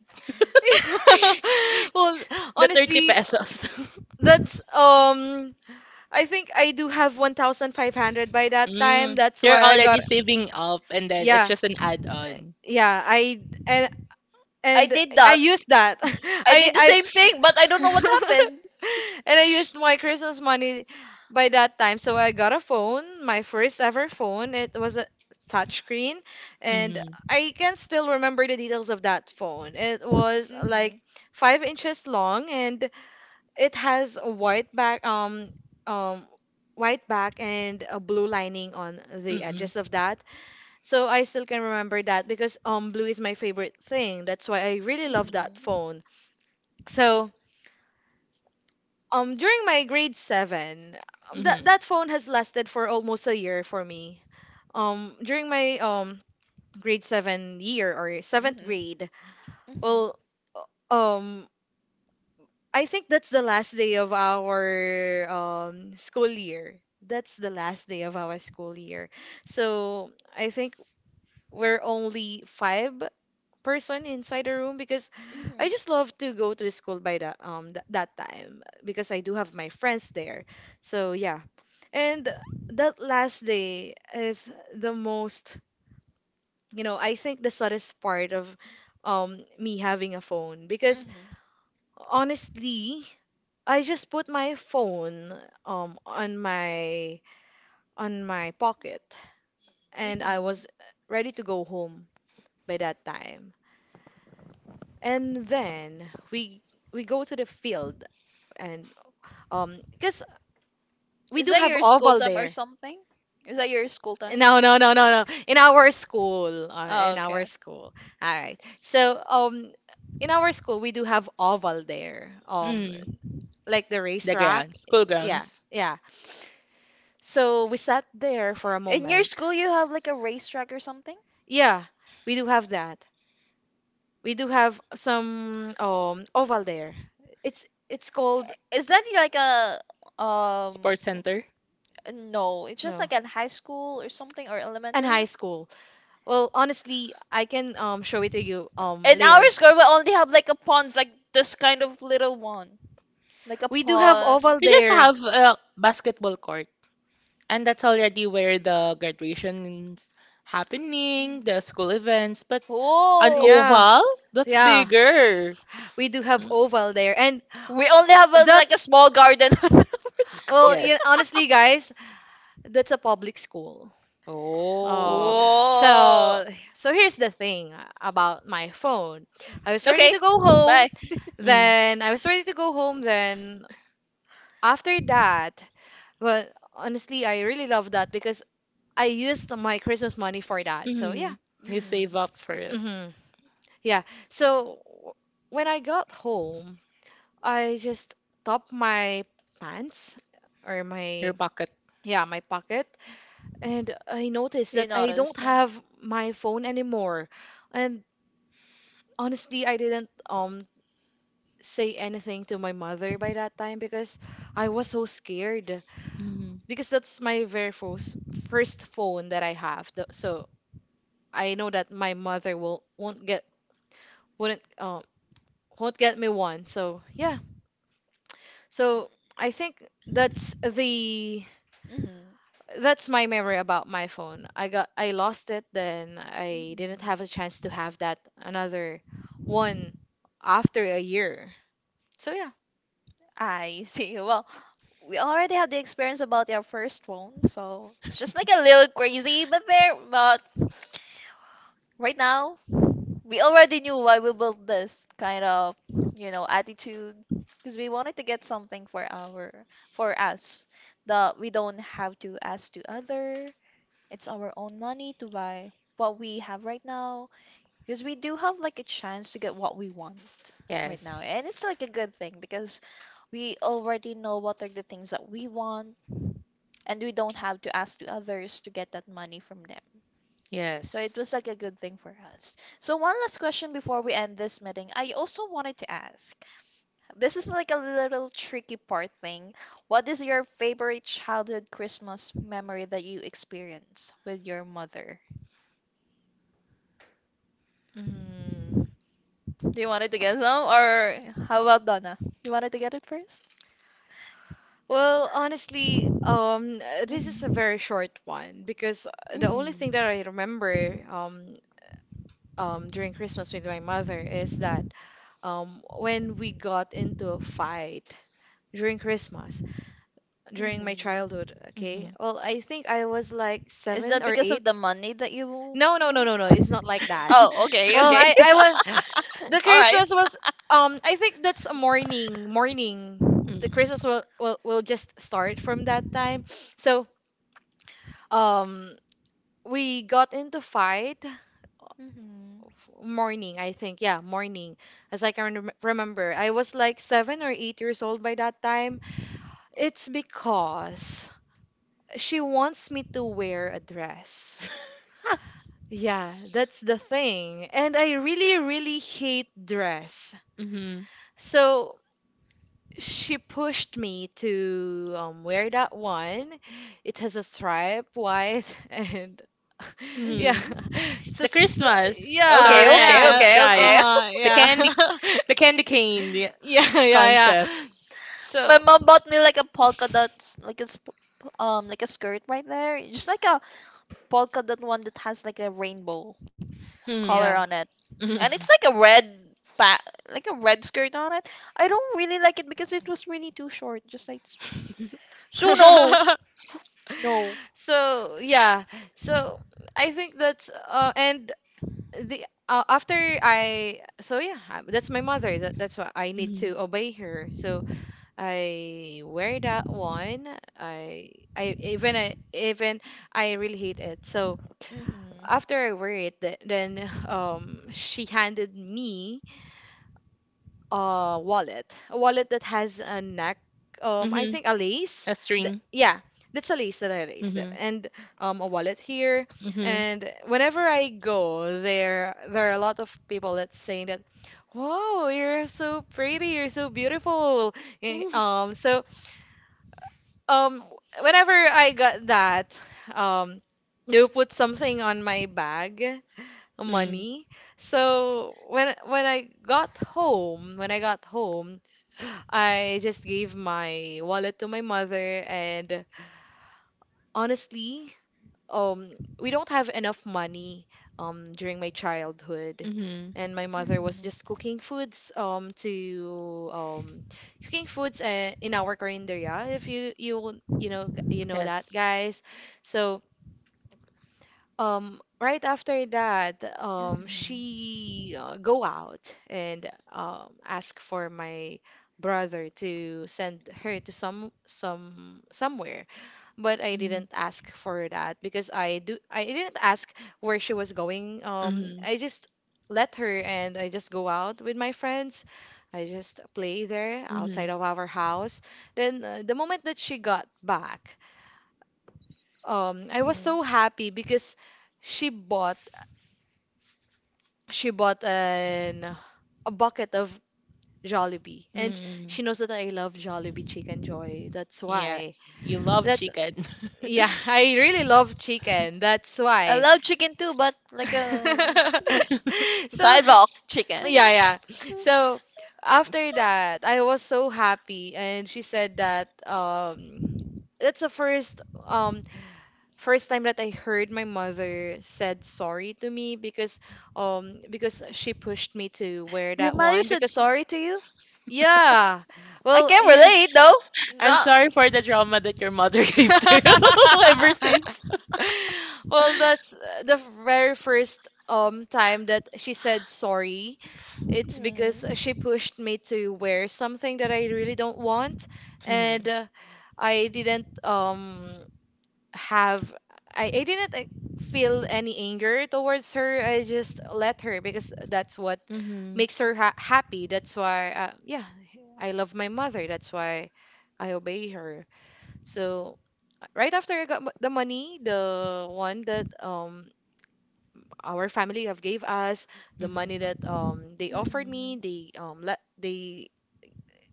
[SPEAKER 2] Well,
[SPEAKER 3] the thirty
[SPEAKER 2] honestly,
[SPEAKER 3] pesos.
[SPEAKER 2] that's um I think I do have one thousand five hundred by that time,
[SPEAKER 3] Mm.
[SPEAKER 2] that's
[SPEAKER 3] You're
[SPEAKER 2] why I
[SPEAKER 3] already
[SPEAKER 2] got.
[SPEAKER 3] saving up and then it's
[SPEAKER 2] Yeah
[SPEAKER 3] just an add-on.
[SPEAKER 2] yeah I and
[SPEAKER 1] I
[SPEAKER 2] and
[SPEAKER 1] did
[SPEAKER 2] I
[SPEAKER 1] that.
[SPEAKER 2] used that
[SPEAKER 1] I
[SPEAKER 2] I
[SPEAKER 1] did the
[SPEAKER 2] I
[SPEAKER 1] same thing, but I don't know what happened.
[SPEAKER 2] And I used my Christmas money by that time, so I got a phone, my first ever phone. It was a touchscreen, and
[SPEAKER 3] Mm-hmm.
[SPEAKER 2] I can still
[SPEAKER 1] Mhm.
[SPEAKER 2] remember the details of that phone. It was like five inches long, and it has a white back um um white back and a blue lining on the
[SPEAKER 3] Mm-mm.
[SPEAKER 2] edges of that. So I still can remember that because um blue is my favorite thing. That's why I really love that phone. So um during my grade seven, um, that
[SPEAKER 3] Mm-hmm.
[SPEAKER 2] that phone has lasted for almost a year for me. Um during my um grade seven year or seventh
[SPEAKER 1] Mhm.
[SPEAKER 2] grade,
[SPEAKER 1] Mhm.
[SPEAKER 2] well uh, um I think that's the last day of our um school year. That's the last day of our school year. So I think we're only five person inside the room, because
[SPEAKER 1] Mhm.
[SPEAKER 2] I
[SPEAKER 1] Mhm.
[SPEAKER 2] just love to go to the school by that um th- that time because I do have my friends there. So yeah, and that last day is the most, you know, I think the saddest part of um me having a phone, because
[SPEAKER 1] Mhm.
[SPEAKER 2] honestly I just put my phone um on my on my pocket and I
[SPEAKER 1] Mhm.
[SPEAKER 2] was ready to go home by that time. And then we we go to the field, and um because we
[SPEAKER 1] Is
[SPEAKER 2] do
[SPEAKER 1] that
[SPEAKER 2] have
[SPEAKER 1] your school
[SPEAKER 2] oval
[SPEAKER 1] time or
[SPEAKER 2] there.
[SPEAKER 1] something? Is that your school time?
[SPEAKER 2] No, no, no, no, no. In our school, uh,
[SPEAKER 1] Oh,
[SPEAKER 2] in our
[SPEAKER 1] okay.
[SPEAKER 2] school. All right. So, um, in our school, we do have oval there. Um,
[SPEAKER 3] Mm.
[SPEAKER 2] like the
[SPEAKER 3] The
[SPEAKER 2] racetrack.
[SPEAKER 3] grounds, school
[SPEAKER 2] Yeah,
[SPEAKER 3] grounds,
[SPEAKER 2] yeah. So we sat there for a
[SPEAKER 1] In your
[SPEAKER 2] moment.
[SPEAKER 1] school, you have like a racetrack or something?
[SPEAKER 2] Yeah, we do have that. We do have some um oval there. It's it's called
[SPEAKER 1] Is that like a um
[SPEAKER 3] sports center.
[SPEAKER 1] no, it's just
[SPEAKER 2] no.
[SPEAKER 1] like at high school or something or
[SPEAKER 2] And
[SPEAKER 1] elementary.
[SPEAKER 2] high school. Well, honestly, I can um show it to you um
[SPEAKER 1] In our
[SPEAKER 2] later.
[SPEAKER 1] school we only have like a pond, like this kind of little one. Like a
[SPEAKER 2] We do have
[SPEAKER 1] pond.
[SPEAKER 2] oval
[SPEAKER 3] We just
[SPEAKER 2] there.
[SPEAKER 3] have a basketball court. And that's already where the graduation's happening, the school events, but an
[SPEAKER 1] Oh,
[SPEAKER 2] Yeah.
[SPEAKER 3] oval? That's
[SPEAKER 2] Yeah,
[SPEAKER 3] bigger.
[SPEAKER 2] we do have
[SPEAKER 3] Mm.
[SPEAKER 2] oval there. And
[SPEAKER 1] we only have a, like a
[SPEAKER 2] that's,
[SPEAKER 1] small garden at our school.
[SPEAKER 2] well, you
[SPEAKER 3] Yes.
[SPEAKER 2] honestly guys, that's a public school. Oh,
[SPEAKER 3] Oh.
[SPEAKER 1] Whoa.
[SPEAKER 2] so, so here's the thing about my phone. I was ready
[SPEAKER 1] Okay.
[SPEAKER 2] to go home,
[SPEAKER 1] Bye.
[SPEAKER 3] Mm.
[SPEAKER 2] then I was ready to go home, then after that, well, honestly, I really love that because I used my Christmas money for that. So yeah.
[SPEAKER 3] Mhm. You save
[SPEAKER 1] Hmm.
[SPEAKER 3] up for it.
[SPEAKER 2] hmm Yeah. So w- when I got home, I just top my pants or my,
[SPEAKER 3] Your pocket.
[SPEAKER 2] yeah, my pocket, and I noticed
[SPEAKER 1] You
[SPEAKER 2] that I
[SPEAKER 1] noticed.
[SPEAKER 2] don't
[SPEAKER 1] So.
[SPEAKER 2] have my phone anymore. And honestly, I didn't um say anything to my mother by that time, because I was so scared,
[SPEAKER 3] Mhm.
[SPEAKER 2] because that's my very first first phone that I have. Th- So I know that my mother will won't get wouldn't uh, won't get me one. So yeah. So I think that's the
[SPEAKER 1] Hmm.
[SPEAKER 2] that's my memory about my phone. I got, I lost it, then I didn't
[SPEAKER 1] Mhm.
[SPEAKER 2] have a chance to have that another one after a year. So yeah.
[SPEAKER 1] I see. Well, we already have the experience about your first phone, so it's just like a little crazy, but there, but right now, we already knew why we built this kind of you know, attitude, because we wanted to get something for our, for us, that we don't have to ask to other. It's our own money to buy what we have right now. Because we do have like a chance to get what we want right now, and
[SPEAKER 3] Yes.
[SPEAKER 1] it's like a good thing, because we already know what are the things that we want, and we don't have to ask to others to get that money from them. So it
[SPEAKER 3] Yes.
[SPEAKER 1] was like a good thing for us. So one last question before we end this meeting. I also wanted to ask, this is like a little tricky part thing. What is your favorite childhood Christmas memory that you experience with your mother?
[SPEAKER 2] Mm.
[SPEAKER 1] Do you want it to get some? Or how about Donna? You wanted to get it first?
[SPEAKER 2] Well, honestly, um, uh, this is a
[SPEAKER 1] Mm-hmm.
[SPEAKER 2] very short one, because uh, the only thing
[SPEAKER 1] Mm-hmm.
[SPEAKER 2] that I remember, um, um, during Christmas with my mother is that, um, when we got into a fight during Christmas, during my
[SPEAKER 1] Mm-hmm.
[SPEAKER 2] childhood, okay?
[SPEAKER 3] Mhm.
[SPEAKER 2] Well, I think I was like
[SPEAKER 1] Is
[SPEAKER 2] seven
[SPEAKER 1] that
[SPEAKER 2] or
[SPEAKER 1] because of
[SPEAKER 2] eight.
[SPEAKER 1] the money that you?
[SPEAKER 2] No, no, no, no, no. It's not like that.
[SPEAKER 1] Oh, okay,
[SPEAKER 2] Well,
[SPEAKER 1] okay.
[SPEAKER 2] I, I was the Christmas was um I think that's a morning morning. The
[SPEAKER 3] Mhm.
[SPEAKER 2] Christmas will will will just start from that time. So um we got into fight
[SPEAKER 1] Mm-hmm.
[SPEAKER 2] morning, I think, yeah, morning. As I can rem- remember, I was like seven or eight years old by that time. It's because she wants me to wear a dress,
[SPEAKER 3] Ah.
[SPEAKER 2] yeah, that's the thing, and I really really hate dress.
[SPEAKER 3] Mhm.
[SPEAKER 2] So she pushed me to um, wear that one. It has a stripe white, and yeah
[SPEAKER 3] Mhm.
[SPEAKER 1] Mm-hmm.
[SPEAKER 2] it's a
[SPEAKER 3] The
[SPEAKER 2] stri-
[SPEAKER 3] Christmas, so
[SPEAKER 1] Okay,
[SPEAKER 2] yeah,
[SPEAKER 3] red
[SPEAKER 1] okay,
[SPEAKER 3] and
[SPEAKER 2] yeah,
[SPEAKER 1] okay, okay.
[SPEAKER 3] stripes.
[SPEAKER 2] uh-huh,
[SPEAKER 3] The
[SPEAKER 2] yeah.
[SPEAKER 3] candy, the candy cane the
[SPEAKER 2] Yeah, yeah, yeah.
[SPEAKER 3] concept.
[SPEAKER 2] So,
[SPEAKER 1] My mom bought me like a polka dots, like a sp- um, like a skirt right there. Just like a polka dot one that has like a rainbow
[SPEAKER 3] Hmm.
[SPEAKER 2] yeah.
[SPEAKER 1] color on it.
[SPEAKER 3] Mhm.
[SPEAKER 1] And it's like a red pa- like a red skirt on it. I don't really like it because it was really too short, just like this one. So no. No.
[SPEAKER 2] So, yeah. So, I think that's uh and the uh, after I, so yeah, I- that's my mother. That, that's why I need
[SPEAKER 3] Mhm.
[SPEAKER 2] to obey her. So, I wear that one. I I even I even I really hate it. So,
[SPEAKER 1] Mhm.
[SPEAKER 2] after I wear it, th- then um she handed me uh wallet a wallet that has a neck, um I
[SPEAKER 3] Mhm.
[SPEAKER 2] think a lace.
[SPEAKER 3] A
[SPEAKER 2] Th-
[SPEAKER 3] string.
[SPEAKER 2] yeah, that's a lace that I lace,
[SPEAKER 3] Mhm.
[SPEAKER 2] and um a wallet here,
[SPEAKER 3] Mhm.
[SPEAKER 2] and whenever I go there, there are a lot of people that's saying that, wow, you're so pretty, you're so beautiful. Eh, um so um whenever I got that, um they'll put something on my bag,
[SPEAKER 3] Mm.
[SPEAKER 2] money. So when when I got home, when I got home, I just gave my wallet to my mother and honestly, um we don't have enough money um during my childhood,
[SPEAKER 3] Mhm.
[SPEAKER 2] and my mother was
[SPEAKER 1] Mhm.
[SPEAKER 2] just cooking foods um to um cooking foods uh, in our carinderia, if you you you know you know that,
[SPEAKER 3] Yes.
[SPEAKER 2] guys. So um right after that, um
[SPEAKER 1] Mhm.
[SPEAKER 2] she uh, go out and um ask for my brother to send her to some some somewhere, but I
[SPEAKER 3] Mhm.
[SPEAKER 2] didn't ask for that because i do I didn't ask where she was going. um
[SPEAKER 3] Mhm.
[SPEAKER 2] I just let her and I just go out with my friends. I just play there outside
[SPEAKER 3] Mm-hmm.
[SPEAKER 2] of our house. Then uh, the moment that she got back, um I
[SPEAKER 1] Mhm.
[SPEAKER 2] was so happy because she bought she bought an a bucket of Jollibee, and
[SPEAKER 3] Mm-hmm.
[SPEAKER 2] she knows that I love Jollibee chicken joy. That's why.
[SPEAKER 3] Yes, you love
[SPEAKER 2] That's
[SPEAKER 3] chicken.
[SPEAKER 2] yeah. I really love chicken. That's
[SPEAKER 1] I
[SPEAKER 2] why.
[SPEAKER 1] love chicken too, but like a
[SPEAKER 2] So
[SPEAKER 1] sidewalk chicken.
[SPEAKER 2] yeah, yeah. So after that, I was so happy, and she said that, um, that's the first, um first time that I heard my mother said sorry to me, because um because she pushed me to wear
[SPEAKER 1] Your
[SPEAKER 2] that
[SPEAKER 1] mother
[SPEAKER 2] one,
[SPEAKER 1] said
[SPEAKER 2] because
[SPEAKER 1] sorry to you?
[SPEAKER 2] yeah,
[SPEAKER 1] I
[SPEAKER 2] well,
[SPEAKER 1] can
[SPEAKER 2] you know.
[SPEAKER 1] relate though.
[SPEAKER 3] I'm
[SPEAKER 1] No.
[SPEAKER 3] sorry for the trauma that your mother gave to
[SPEAKER 1] Mhm.
[SPEAKER 3] you ever since.
[SPEAKER 2] Well, that's uh, the very first um time that she said sorry. It's because she
[SPEAKER 1] Mhm.
[SPEAKER 2] pushed me to wear something that I really don't want. And
[SPEAKER 3] Mm-hmm.
[SPEAKER 2] uh, I didn't um have I, I didn't, like, feel any anger towards her. I just let her because that's what
[SPEAKER 3] Mm-hmm.
[SPEAKER 2] makes her ha happy. That's why, uh, yeah, I love my mother. That's why I obey her. So uh, right after I got mo- the money, the one that um our family have gave us, the money
[SPEAKER 3] Mm-hmm.
[SPEAKER 2] that um they offered me,
[SPEAKER 1] Mhm.
[SPEAKER 2] they um let they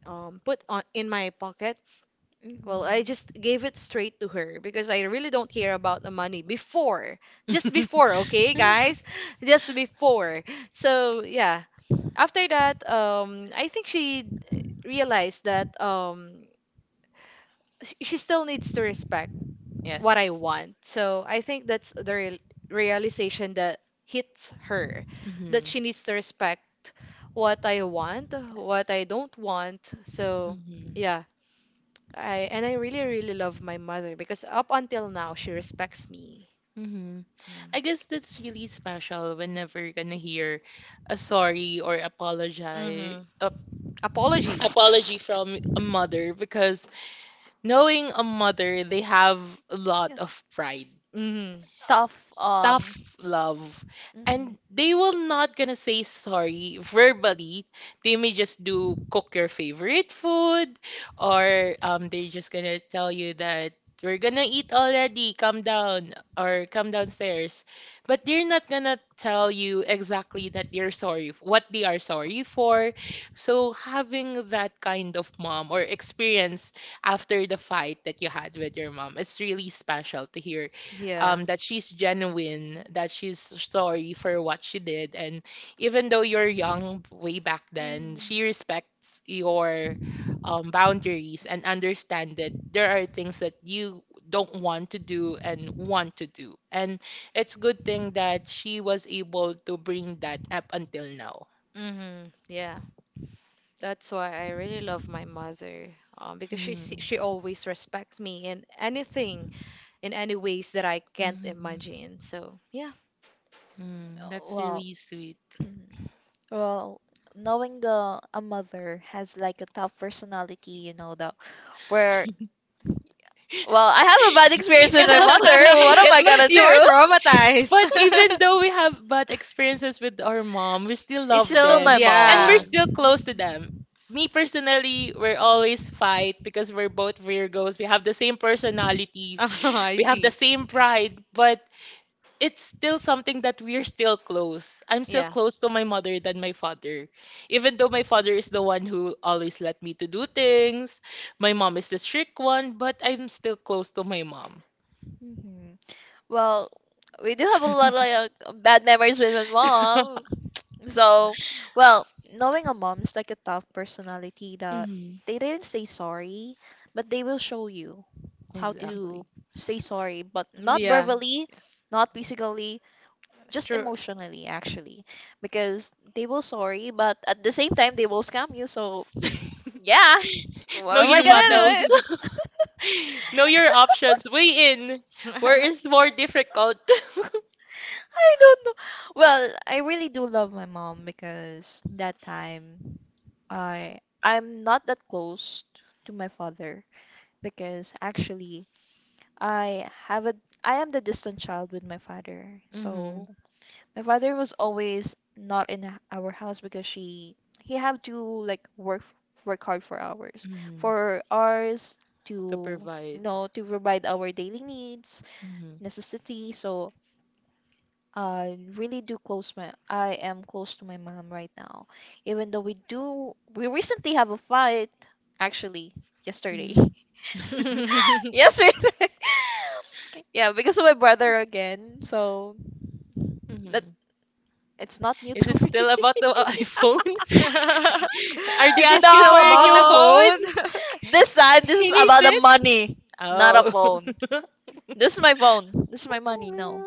[SPEAKER 2] um put on in my pocket. Well, I just gave it straight to her because I really don't care about the money before. Just before, okay, guys? Just before. So, yeah. After that, um I think she realized that um sh- she still needs to respect what I
[SPEAKER 3] Yes.
[SPEAKER 2] want. So, I think that's the real realization that hits her, that
[SPEAKER 3] Mm-hmm.
[SPEAKER 2] she needs to respect what I want, what
[SPEAKER 3] Yes.
[SPEAKER 2] I don't want. So, yeah. I and I really, really love my mother because up until now she respects me.
[SPEAKER 3] Mm-hmm.
[SPEAKER 2] Mm.
[SPEAKER 3] I guess that's really special whenever you're gonna hear a sorry or apologize
[SPEAKER 2] Mhm.
[SPEAKER 3] ap-
[SPEAKER 2] Apology.
[SPEAKER 3] apology from a mother because knowing a mother they have a
[SPEAKER 1] Yeah.
[SPEAKER 3] lot of pride,
[SPEAKER 2] Mhm.
[SPEAKER 1] Tough. Um
[SPEAKER 3] tough love,
[SPEAKER 1] mhm.
[SPEAKER 3] and they will not gonna say sorry verbally. They may just do cook your favorite food or um they're just gonna tell you that we're gonna eat already come down or come downstairs, but they're not gonna tell you exactly that they're sorry f- what they are sorry for. So having that kind of mom or experience after the fight that you had with your mom, it's really special to hear
[SPEAKER 2] Yeah.
[SPEAKER 3] um, that she's genuine, that she's sorry for what she did. And even though you're young way back then,
[SPEAKER 1] Mhm.
[SPEAKER 3] she respects your um, boundaries and understand that there are things that you don't want to do and want to do. And it's good thing that she was able to bring that up until now.
[SPEAKER 2] Mhm. Yeah. That's why I really love my mother. Um, because she se-
[SPEAKER 3] Mhm.
[SPEAKER 2] she always respects me in anything, in any ways that I can't
[SPEAKER 3] Mhm.
[SPEAKER 2] imagine. So, yeah.
[SPEAKER 3] Mm, that's
[SPEAKER 1] Well,
[SPEAKER 3] really sweet.
[SPEAKER 1] well, knowing the a mother has like a tough personality. you know, the where well, I have a bad experience with
[SPEAKER 3] It
[SPEAKER 1] my
[SPEAKER 3] looks
[SPEAKER 1] mother. What am
[SPEAKER 3] it
[SPEAKER 1] I gonna
[SPEAKER 3] looks like
[SPEAKER 2] You're
[SPEAKER 1] do?
[SPEAKER 3] but
[SPEAKER 2] traumatized.
[SPEAKER 3] even though we have bad experiences with our mom, we still
[SPEAKER 2] It's
[SPEAKER 3] love
[SPEAKER 1] She's still
[SPEAKER 2] still,
[SPEAKER 1] my
[SPEAKER 3] them and we're
[SPEAKER 2] yeah.
[SPEAKER 1] mom.
[SPEAKER 3] still close to them. Me personally, we're always fight because we're both Virgos. We have the same personalities.
[SPEAKER 2] I
[SPEAKER 3] We have the
[SPEAKER 2] see.
[SPEAKER 3] same pride, but it's still something that we're still close. I'm still
[SPEAKER 2] Yeah.
[SPEAKER 3] close to my mother than my father. Even though my father is the one who always let me to do things, my mom is the strict one, but I'm still close to my mom.
[SPEAKER 1] Hmm. Well, we do have a lot of like, uh, bad memories with my mom. So, well, knowing a mom's like a tough personality that
[SPEAKER 3] Hmm.
[SPEAKER 1] they didn't say sorry, but they will show you how
[SPEAKER 2] Mm.
[SPEAKER 1] to
[SPEAKER 3] Exactly.
[SPEAKER 1] say sorry, but not
[SPEAKER 2] Yeah.
[SPEAKER 1] verbally, not physically, just
[SPEAKER 2] Sure.
[SPEAKER 1] emotionally actually, because they will sorry, but at the same time they will scam you. So, yeah. What
[SPEAKER 3] Know
[SPEAKER 1] am I
[SPEAKER 3] your
[SPEAKER 2] Mhm.
[SPEAKER 1] gonna do?
[SPEAKER 3] battles. Know your options. Weigh in. Where is more difficult?
[SPEAKER 1] I don't know. Well, I really do love my mom because that time I I'm not that close to my father because actually I have a I am the distant child with my father. So
[SPEAKER 3] Hmm.
[SPEAKER 1] my father was always not in h- our house because she he have to like work f- work hard for hours
[SPEAKER 3] Hmm.
[SPEAKER 1] for ours
[SPEAKER 3] To
[SPEAKER 1] to you
[SPEAKER 3] provide.
[SPEAKER 1] know to provide our daily needs
[SPEAKER 3] Hmm.
[SPEAKER 1] necessity. So I really do close my I am close to my mom right now, even though we do we recently have a fight actually yesterday.
[SPEAKER 3] Hmm.
[SPEAKER 1] Yesterday. Yeah, because of my brother again. So that
[SPEAKER 3] Hmm.
[SPEAKER 1] it's not new
[SPEAKER 3] Is it
[SPEAKER 1] to me.
[SPEAKER 3] still about the iPhone? Are they
[SPEAKER 2] Is it
[SPEAKER 3] asking for
[SPEAKER 2] still
[SPEAKER 3] a
[SPEAKER 2] about
[SPEAKER 3] new
[SPEAKER 2] the
[SPEAKER 1] No.
[SPEAKER 3] phone?
[SPEAKER 2] phone?
[SPEAKER 1] This time this
[SPEAKER 3] He
[SPEAKER 1] is
[SPEAKER 3] needs
[SPEAKER 1] about the
[SPEAKER 3] it.
[SPEAKER 1] money, not a
[SPEAKER 3] Oh.
[SPEAKER 1] phone. This is my phone. This is my money. No.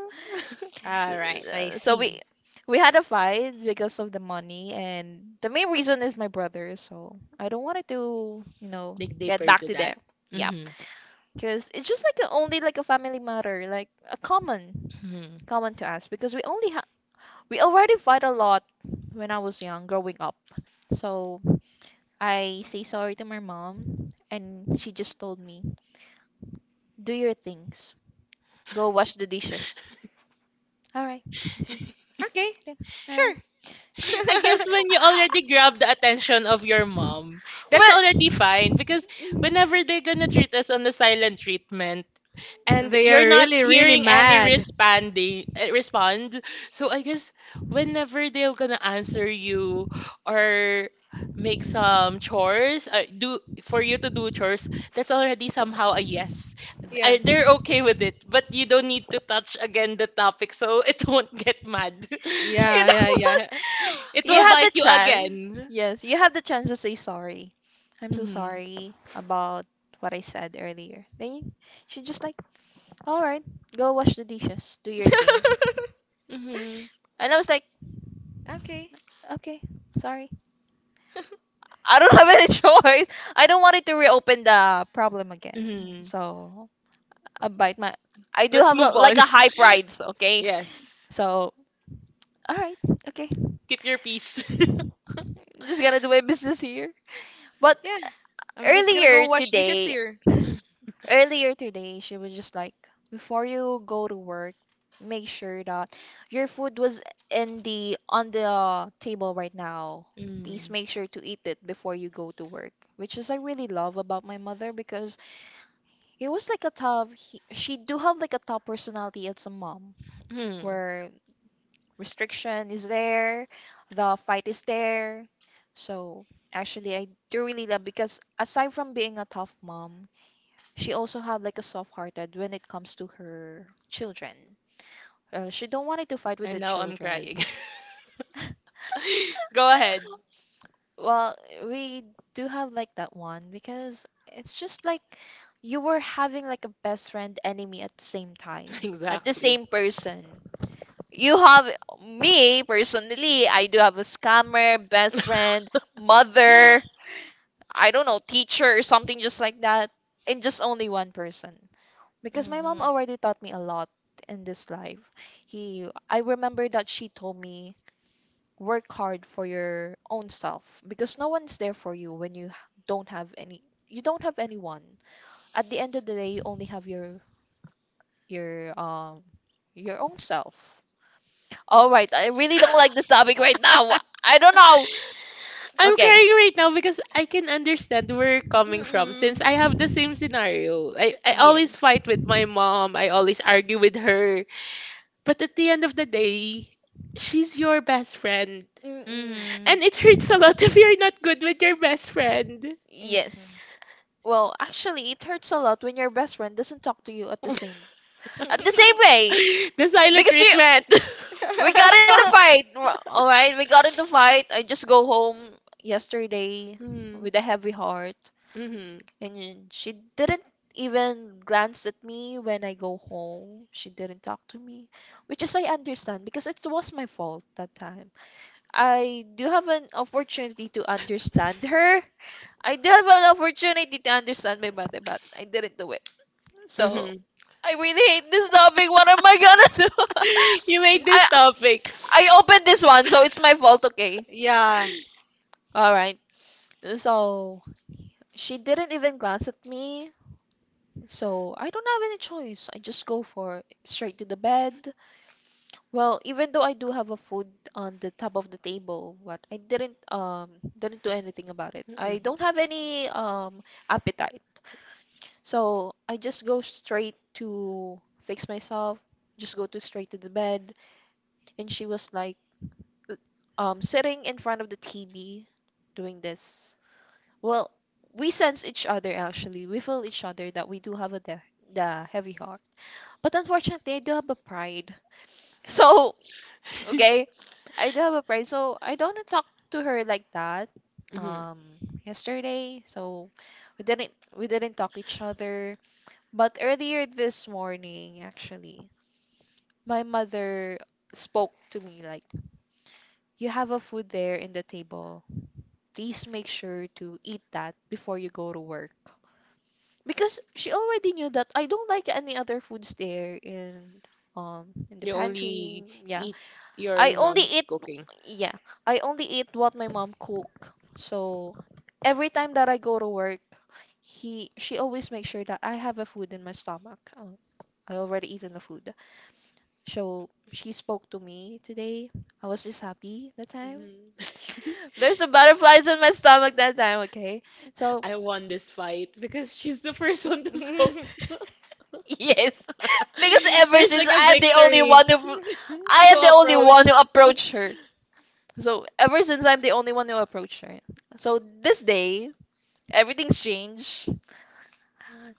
[SPEAKER 2] All right, I
[SPEAKER 1] Uh, So we
[SPEAKER 2] see.
[SPEAKER 1] we had a fight because of the money, and the main reason is my brother, so I don't want it to, you know,
[SPEAKER 3] Dig
[SPEAKER 1] get
[SPEAKER 3] deeper
[SPEAKER 1] back
[SPEAKER 3] to
[SPEAKER 1] to
[SPEAKER 3] that.
[SPEAKER 1] there. Yeah.
[SPEAKER 3] Hmm.
[SPEAKER 1] Because it's just like a, only like a family matter, like a common
[SPEAKER 3] Hmm.
[SPEAKER 1] common to us because we only ha we already fight a lot when I was young, growing up. So I say sorry to my mom, and she just told me, "Do your things. Go wash the dishes." All right. I say,
[SPEAKER 2] Okay,
[SPEAKER 1] "Okay. All right."
[SPEAKER 2] sure.
[SPEAKER 1] She,
[SPEAKER 3] I guess when you already grab the attention of your mom, that's
[SPEAKER 1] well,
[SPEAKER 3] already fine
[SPEAKER 1] you
[SPEAKER 3] because whenever they're gonna treat us on the silent treatment and
[SPEAKER 2] They
[SPEAKER 3] you're
[SPEAKER 2] are
[SPEAKER 3] not
[SPEAKER 2] really, really
[SPEAKER 3] hearing any
[SPEAKER 2] mad.
[SPEAKER 3] responding uh, respond, so I guess whenever they're gonna answer you or make some chores uh, do for you to do chores, that's already somehow a yes. I, they're okay with it, but you don't need to touch again the topic so it won't get mad.
[SPEAKER 1] know
[SPEAKER 2] Yeah,
[SPEAKER 1] what?
[SPEAKER 2] yeah,
[SPEAKER 3] It
[SPEAKER 1] You
[SPEAKER 3] will
[SPEAKER 1] had the
[SPEAKER 3] bite you
[SPEAKER 1] chance.
[SPEAKER 3] again.
[SPEAKER 1] Yes, you had the chance to say sorry. I'm so
[SPEAKER 3] Mhm.
[SPEAKER 1] sorry about what I said earlier. Then she just like, all right, go wash the dishes, do your
[SPEAKER 2] actually,
[SPEAKER 1] things.
[SPEAKER 3] Mhm.
[SPEAKER 1] And I was like,
[SPEAKER 2] yeah. Okay.
[SPEAKER 1] okay, sorry.
[SPEAKER 2] But
[SPEAKER 1] I don't have any choice. I don't want it to reopen the problem again.
[SPEAKER 3] Mhm.
[SPEAKER 1] So I bite my. I do
[SPEAKER 3] Let's
[SPEAKER 1] have a,
[SPEAKER 3] move on.
[SPEAKER 1] like a high pride. So, okay.
[SPEAKER 3] Yes.
[SPEAKER 1] So all right. Okay.
[SPEAKER 3] Keep your peace.
[SPEAKER 1] Just gonna do my business here. But
[SPEAKER 2] yeah,
[SPEAKER 1] earlier
[SPEAKER 2] wash dishes
[SPEAKER 1] today,
[SPEAKER 2] here.
[SPEAKER 1] earlier today, she was just like, before you go to work, make sure that your food was in the on the table right now. Please
[SPEAKER 3] Mm.
[SPEAKER 1] make sure to eat it before you go to work, which is I really love about my mother because it was like a tough. He, she do have like a tough personality as a mom,
[SPEAKER 3] Hmm.
[SPEAKER 1] where restriction is there, the fight is there. So actually, I do really love because aside from being a tough mom, she also have like a soft-hearted when it comes to her children. Uh, she don't wanted to fight with the
[SPEAKER 3] And now I'm
[SPEAKER 1] children.
[SPEAKER 3] crying. Go ahead.
[SPEAKER 1] Well, we do have like that one because it's just like you were having like a best friend enemy at the same time, at the
[SPEAKER 3] Exactly.
[SPEAKER 1] same person. You have me personally, I do have a scammer, best friend, mother, I don't know, teacher or something just like that, and just only one person. Because my mom already taught me a lot in this life. He I remember that she told me, work hard for your own self because no one's there for you when you h- don't have any you don't have anyone. At the end of the day, you only have your your um your own self. All right, I really don't like this topic right now. I don't know.
[SPEAKER 3] I'm
[SPEAKER 1] Okay.
[SPEAKER 3] crying right now because I can understand where you're coming from since I
[SPEAKER 1] Mm-mm.
[SPEAKER 3] have the same scenario. I, I always
[SPEAKER 1] Yes.
[SPEAKER 3] fight with my mom. I always argue with her. But at the end of the day, she's your best friend.
[SPEAKER 1] Mm-mm.
[SPEAKER 2] Mm-hmm.
[SPEAKER 3] And it hurts a lot if you're not good with your best friend.
[SPEAKER 1] Yes. Well, actually, it hurts a lot when your best friend doesn't talk to you at the same at the
[SPEAKER 2] Mm-hmm.
[SPEAKER 1] same way,
[SPEAKER 2] I
[SPEAKER 3] The silent
[SPEAKER 1] because you
[SPEAKER 3] treatment.
[SPEAKER 1] we got
[SPEAKER 2] way.
[SPEAKER 1] into fight. All right, we got into fight. I just go home yesterday
[SPEAKER 3] Mm.
[SPEAKER 1] with a heavy heart.
[SPEAKER 3] Hmm.
[SPEAKER 1] And then she didn't even glance at me when I go home. She didn't talk to me, which is I understand because it was my fault that time. I do have an opportunity to understand her. I do have an opportunity to understand my mother, but I didn't do it. So
[SPEAKER 3] Hmm.
[SPEAKER 1] I really hate this topic. What am I gonna do?
[SPEAKER 3] You made
[SPEAKER 1] I
[SPEAKER 3] this topic.
[SPEAKER 1] I opened this one, so it's my fault, okay?
[SPEAKER 2] Yeah.
[SPEAKER 1] All right. So she didn't even glance at me. So I don't have any choice. I just go for straight to the bed. Well, even though I do have a food on the top of the table, but I didn't um didn't do anything about it. I don't have any um appetite. So I just go straight to fix myself, just go to straight to the bed. And she was like l- um sitting in front of the T V doing this. Well, we sense each other actually. We feel each other that we do have a the, the heavy heart. But unfortunately, I do have a pride. So, okay, I do have a pride. So, I don't wanna talk to her like that.
[SPEAKER 3] Hmm.
[SPEAKER 1] Um, Yesterday, so we didn't we didn't talk each other. But earlier this morning, actually, my mother spoke to me like, "You have a food there in the table. Please make sure to eat that before you go to work." Because she already knew that I don't like any other foods there in um in the
[SPEAKER 3] You only
[SPEAKER 1] pantry. Yeah.
[SPEAKER 3] eat your
[SPEAKER 1] I only
[SPEAKER 3] mom's
[SPEAKER 1] eat,
[SPEAKER 3] cooking.
[SPEAKER 1] yeah, I only eat what my mom cook. So every time that I go to work, he she always makes sure that I have a food in my stomach. Uh, I already eaten the food. So she spoke to me today. I was just happy that time.
[SPEAKER 3] Hmm.
[SPEAKER 1] There's a butterflies in my stomach that time, okay? So
[SPEAKER 3] I won this fight because she's the first one
[SPEAKER 2] Who
[SPEAKER 3] to spoke.
[SPEAKER 2] spoke.
[SPEAKER 1] yes. Because ever
[SPEAKER 3] There's
[SPEAKER 1] since
[SPEAKER 3] like
[SPEAKER 1] I'm the only one who I am the only one who approached her. So ever since I'm the only one who approached her. So this day, everything's changed.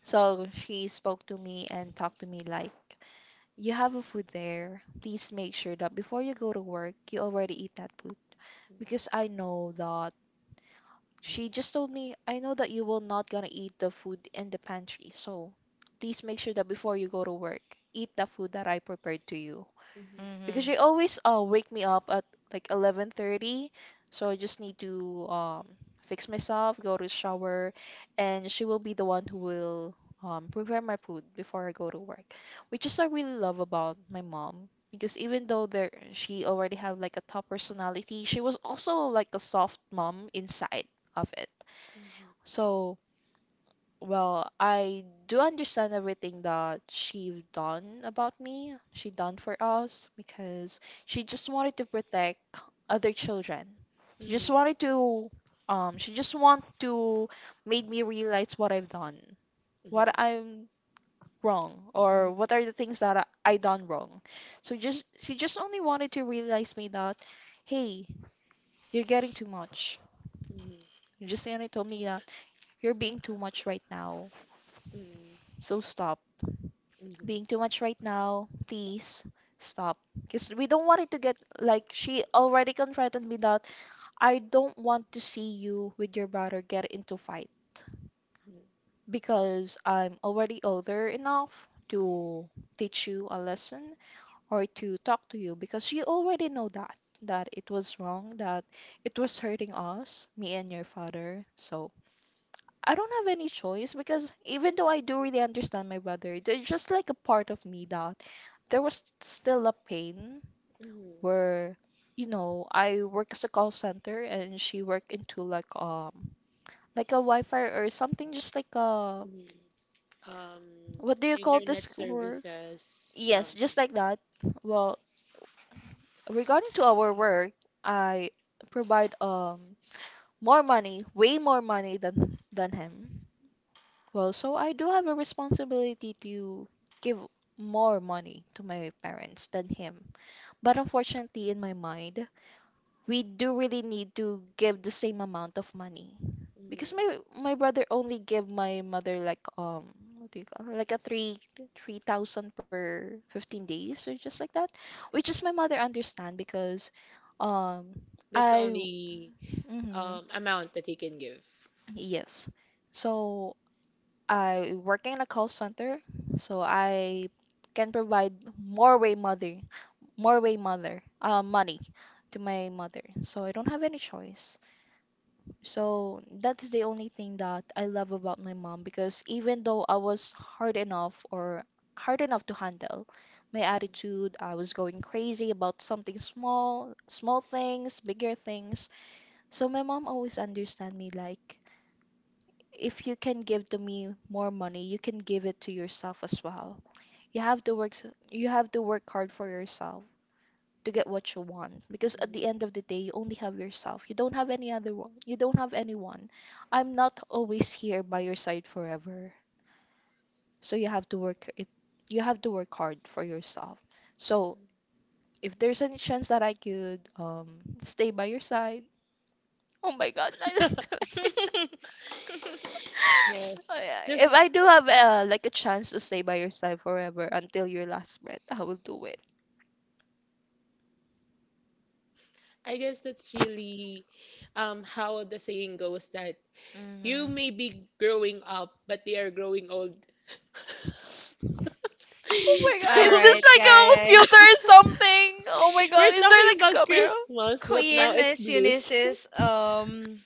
[SPEAKER 1] So she spoke to me and talked to me like, "You have a food there. Please make sure that before you go to work, you already eat that food. Because I know that," she just told me, "I know that you will not gonna eat the food in the pantry. So please make sure that before you go to work, eat the food that I prepared to you." Because
[SPEAKER 2] Mhm.
[SPEAKER 1] she always uh wake me up at like eleven thirty, so I just need to um fix myself, go to shower, and she will be the one who will um prepare my food before I go to work, which is I really love about my mom, because even though there she already have like a top personality, she was also like a soft mom inside of it. So, well, I do understand everything that she done about me, she done for us, because she just wanted to protect other children. She just wanted to, um, she just want to made me realize what I've done, what I'm wrong, or what are the things that I, I done wrong. So just she just only wanted to realize me that, hey, you're getting too much.
[SPEAKER 3] Mhm,
[SPEAKER 1] You just only told me that you're being too much right now.
[SPEAKER 3] mhm,
[SPEAKER 1] So stop
[SPEAKER 3] mhm, mhm,
[SPEAKER 1] being too much right now. Please stop. Because we don't want it to get like she already confronted me that I don't want to see you with your brother get into fight,
[SPEAKER 3] mhm,
[SPEAKER 1] because I'm already older enough to teach you a lesson or to talk to you, because you already know that that it was wrong, that it was hurting us, me and your father. So I don't have any choice, because even though I do really understand my brother, there's just like a part of me that there was still a pain
[SPEAKER 3] mhm,
[SPEAKER 1] where, you know, I work as a call center and she work into like um like a Wi-Fi or something, just like a
[SPEAKER 3] mhm, mhm. Um,
[SPEAKER 1] what do you call this work?
[SPEAKER 3] services,
[SPEAKER 1] Yes, just like that. Well, regarding to our work, I provide um more money, way more money than than him. Well, so I do have a responsibility to give more money to my parents than him. But unfortunately, in my mind, we do really need to give the same amount of money. Because
[SPEAKER 3] mhm.
[SPEAKER 1] my my brother only give my mother like um what do you call like a three three thousand per fifteen days or just like that, which is my mother understand because um
[SPEAKER 3] That's
[SPEAKER 1] I
[SPEAKER 3] only
[SPEAKER 1] mhm,
[SPEAKER 3] um amount that he can give.
[SPEAKER 1] yes, so I working in a call center, so I can provide more way mother, more way mother, uh, money to my mother. So I don't have any choice. So that's the only thing that I love about my mom, because even though I was hard enough or hard enough to handle my attitude, I was going crazy about something small, small things, bigger things. So my mom always understand me like, if you can give to me more money, you can give it to yourself as well. You have to work, s- you have to work hard for yourself to get what you want, because at the end of the day, you only have yourself. You don't have any other one. You don't have anyone. I'm not always here by your side forever. So you have to work it, you have to work hard for yourself. So if there's any chance that I could um stay by your side, oh my God, I like that.
[SPEAKER 2] Mhm.
[SPEAKER 1] Oh,
[SPEAKER 3] Yes,
[SPEAKER 1] yeah. Yeah.
[SPEAKER 3] just
[SPEAKER 1] If I do have uh, like a chance to stay by your side forever until your last breath, I will do it.
[SPEAKER 3] I guess that's really um how the saying goes that you may be growing up, but they are growing old.
[SPEAKER 1] Oh my god,
[SPEAKER 3] So
[SPEAKER 2] All
[SPEAKER 1] is this
[SPEAKER 2] right,
[SPEAKER 1] like a
[SPEAKER 2] guys.
[SPEAKER 1] computer or something? Oh my
[SPEAKER 3] we're
[SPEAKER 1] god, is there
[SPEAKER 3] talking
[SPEAKER 1] like
[SPEAKER 3] about
[SPEAKER 1] a camera?
[SPEAKER 3] Christmas,
[SPEAKER 2] Queen is Eunice is um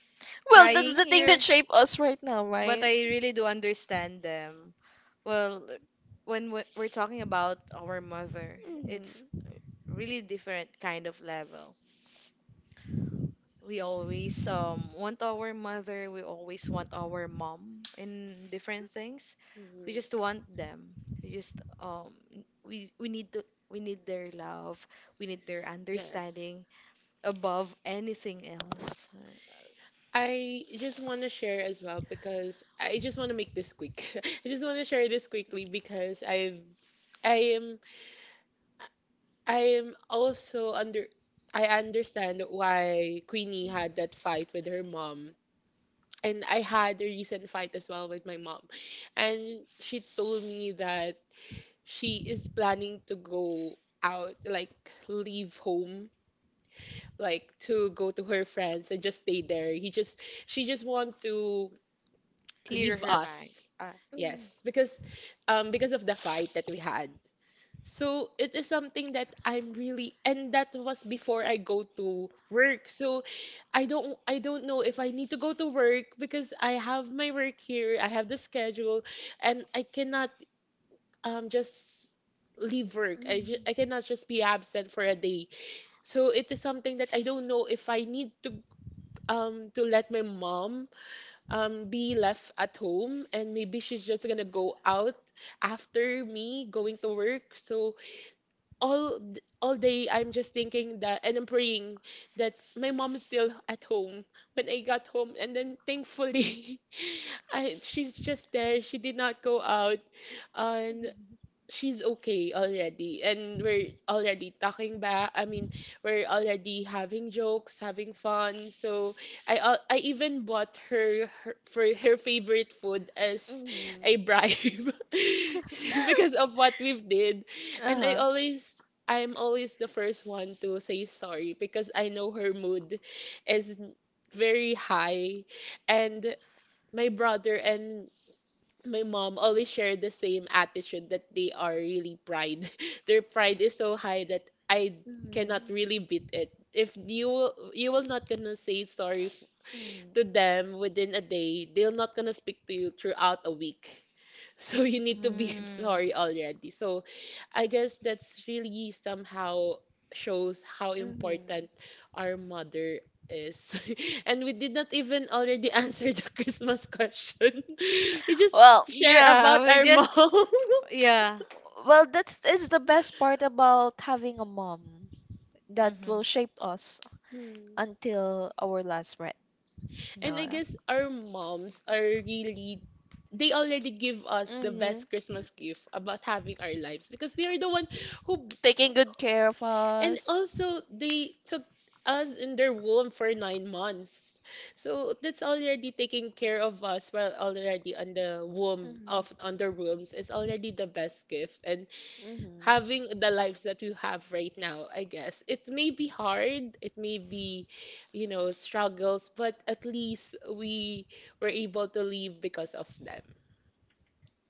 [SPEAKER 1] Well, that's
[SPEAKER 2] crying
[SPEAKER 1] the thing
[SPEAKER 2] here,
[SPEAKER 1] that shape us right now,
[SPEAKER 2] but
[SPEAKER 1] right?
[SPEAKER 2] I really do understand them. Well, when we- we're talking about our mother, it's
[SPEAKER 1] Mhm.
[SPEAKER 2] really different kind of level. We always um want our mother, we always want our mom in different things. We just want them. We just um n- we we need to, we need their love, we need their
[SPEAKER 3] yes.
[SPEAKER 2] understanding above anything else. Uh,
[SPEAKER 3] I just want to share as well because I just want to make this quick. I just want to share this quickly because I've I am I am also under I understand why Queenie had that fight with her mom. And I had a recent fight as well with my mom. And she told me that she is planning to go out, like leave home, like to go to her friends and just stay there. He just she just want to
[SPEAKER 2] clear
[SPEAKER 3] leave
[SPEAKER 2] her mind.
[SPEAKER 3] us.
[SPEAKER 2] Uh,
[SPEAKER 3] Yes, because um because of the fight that we had. So it is something that I'm really and that was before I go to work. So I don't I don't know if I need to go to work because I have my work here, I have the schedule, and I cannot um just leave work.
[SPEAKER 1] Mhm.
[SPEAKER 3] I ju- I
[SPEAKER 1] Mhm.
[SPEAKER 3] cannot just be absent for a day. So it is something that I don't know if I need to um to let my mom um be left at home and maybe she's just gonna go out after me going to work. So all d- all day I'm just thinking that and I'm praying that my mom is still at home when I got home and then thankfully I she's just there. She did not go out and she's okay already and we're already talking back, I mean we're already having jokes having fun. So I al- I even bought her, her for her favorite food as
[SPEAKER 1] Mhm.
[SPEAKER 3] a bribe because of what we've did. And I
[SPEAKER 1] Uh-huh.
[SPEAKER 3] always, I'm always the first one to say sorry because I know her mood is very high. And my brother and my mom always share the same attitude that they are really pride. Their pride is so high that I
[SPEAKER 1] Mhm.
[SPEAKER 3] cannot really beat it. If you you will not gonna say sorry f-
[SPEAKER 1] Mhm.
[SPEAKER 3] to them within a day, they're not gonna speak to you throughout a week. So you need to be
[SPEAKER 2] mm,
[SPEAKER 3] sorry already. So I guess that's really somehow shows how
[SPEAKER 1] Mhm.
[SPEAKER 3] important our mother is. And we did not even already answer the Christmas question. We just
[SPEAKER 1] Well,
[SPEAKER 3] share
[SPEAKER 2] yeah,
[SPEAKER 3] about
[SPEAKER 2] we
[SPEAKER 3] our
[SPEAKER 2] just
[SPEAKER 3] mom.
[SPEAKER 2] yeah.
[SPEAKER 1] well, that's is the best part about having a mom that
[SPEAKER 2] Mhm.
[SPEAKER 1] will shape us
[SPEAKER 3] Hmm.
[SPEAKER 1] until our last breath.
[SPEAKER 3] And
[SPEAKER 1] No.
[SPEAKER 3] I guess our moms are really they already give us the
[SPEAKER 1] Mhm.
[SPEAKER 3] best Christmas gift about having our lives because they are the one who
[SPEAKER 1] Taking good care of
[SPEAKER 3] and
[SPEAKER 1] us.
[SPEAKER 3] also they took us in their womb for nine months. So that's already taking care of us while already on the womb
[SPEAKER 1] Mhm.
[SPEAKER 3] of on their wombs is already the best gift. And having the lives that we have right now, I guess. It may be hard, it may be, you know, struggles, but at least we were able to leave because of them.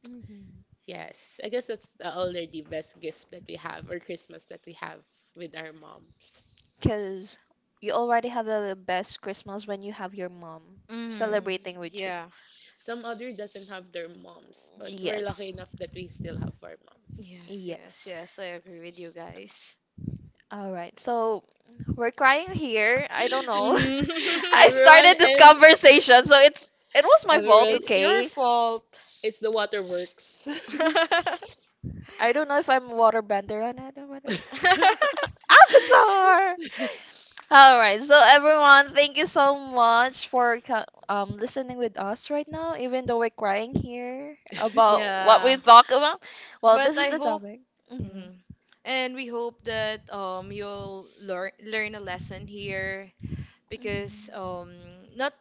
[SPEAKER 1] Mhm.
[SPEAKER 3] Yes, I guess that's the already best gift that we have or Christmas that we have with our mom.
[SPEAKER 1] Because you already have the best Christmas when you have your mom
[SPEAKER 2] Mm,
[SPEAKER 1] celebrating with you.
[SPEAKER 2] yeah.
[SPEAKER 3] Some other doesn't have their moms, but we're lucky
[SPEAKER 1] Yes.
[SPEAKER 3] enough that we still have our moms.
[SPEAKER 2] Yes, yes,
[SPEAKER 1] Yes.
[SPEAKER 2] yes. I agree with you guys.
[SPEAKER 1] All right, so we're crying here. I don't know.
[SPEAKER 2] Mhm.
[SPEAKER 1] I
[SPEAKER 3] Everyone,
[SPEAKER 1] started this
[SPEAKER 3] is-
[SPEAKER 1] conversation, so it's it was my fault,
[SPEAKER 3] everyone,
[SPEAKER 2] It's your
[SPEAKER 1] okay?
[SPEAKER 2] fault.
[SPEAKER 3] it's the waterworks.
[SPEAKER 1] I don't know if I'm waterbender on it or whatever. Avatar! All right, so everyone, thank you so much for co- um listening with us right now, even though we're crying here about what we
[SPEAKER 2] Yeah.
[SPEAKER 1] talk about. Well, this
[SPEAKER 2] But
[SPEAKER 1] is
[SPEAKER 2] I
[SPEAKER 1] the
[SPEAKER 2] hope
[SPEAKER 1] topic. Hmm.
[SPEAKER 2] mhm. And we hope that um you'll learn learn a lesson here
[SPEAKER 1] Hmm.
[SPEAKER 2] because um not,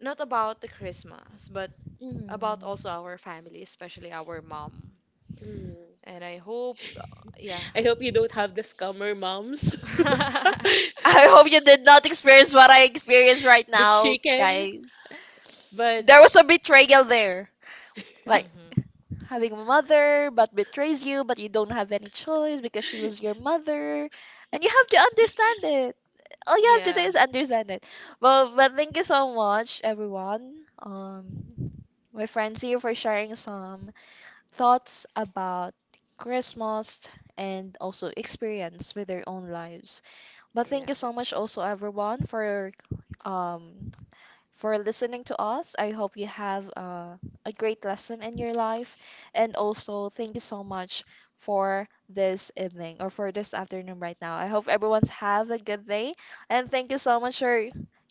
[SPEAKER 2] not about the Christmas, but
[SPEAKER 1] Hmm.
[SPEAKER 2] about also our family, especially our mom.
[SPEAKER 3] Mm.
[SPEAKER 2] And I hope uh, yeah.
[SPEAKER 3] I hope you don't have the scammer moms.
[SPEAKER 1] I hope you did not experience what I experience right now, guys.
[SPEAKER 3] But
[SPEAKER 1] There was a betrayal there. Like
[SPEAKER 2] Mhm.
[SPEAKER 1] having a mother but betrays you, but you don't have any choice because she was your mother. And you have to understand it. All you have to do
[SPEAKER 2] Yeah.
[SPEAKER 1] is understand it. Well, but thank you so much, everyone. Um, my friends here for sharing some thoughts about Christmas and also experience with their own lives. But thank
[SPEAKER 2] Yeah.
[SPEAKER 1] you so much also everyone for um for listening to us. I hope you have uh, a great lesson in your life, and also thank you so much for this evening or for this afternoon right now. I hope everyone's have a good day, and thank you so much for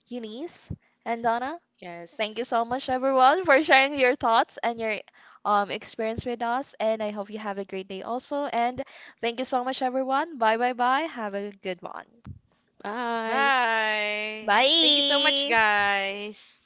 [SPEAKER 1] Eunice and Donna.
[SPEAKER 3] yes,
[SPEAKER 1] Thank you so much everyone for sharing your thoughts and your um experience with us, and I hope you have a great day also, and thank you so much everyone. Bye, bye, bye. Have a good one.
[SPEAKER 3] bye.
[SPEAKER 2] Bye. Thank you so much,
[SPEAKER 1] Bye.
[SPEAKER 2] guys.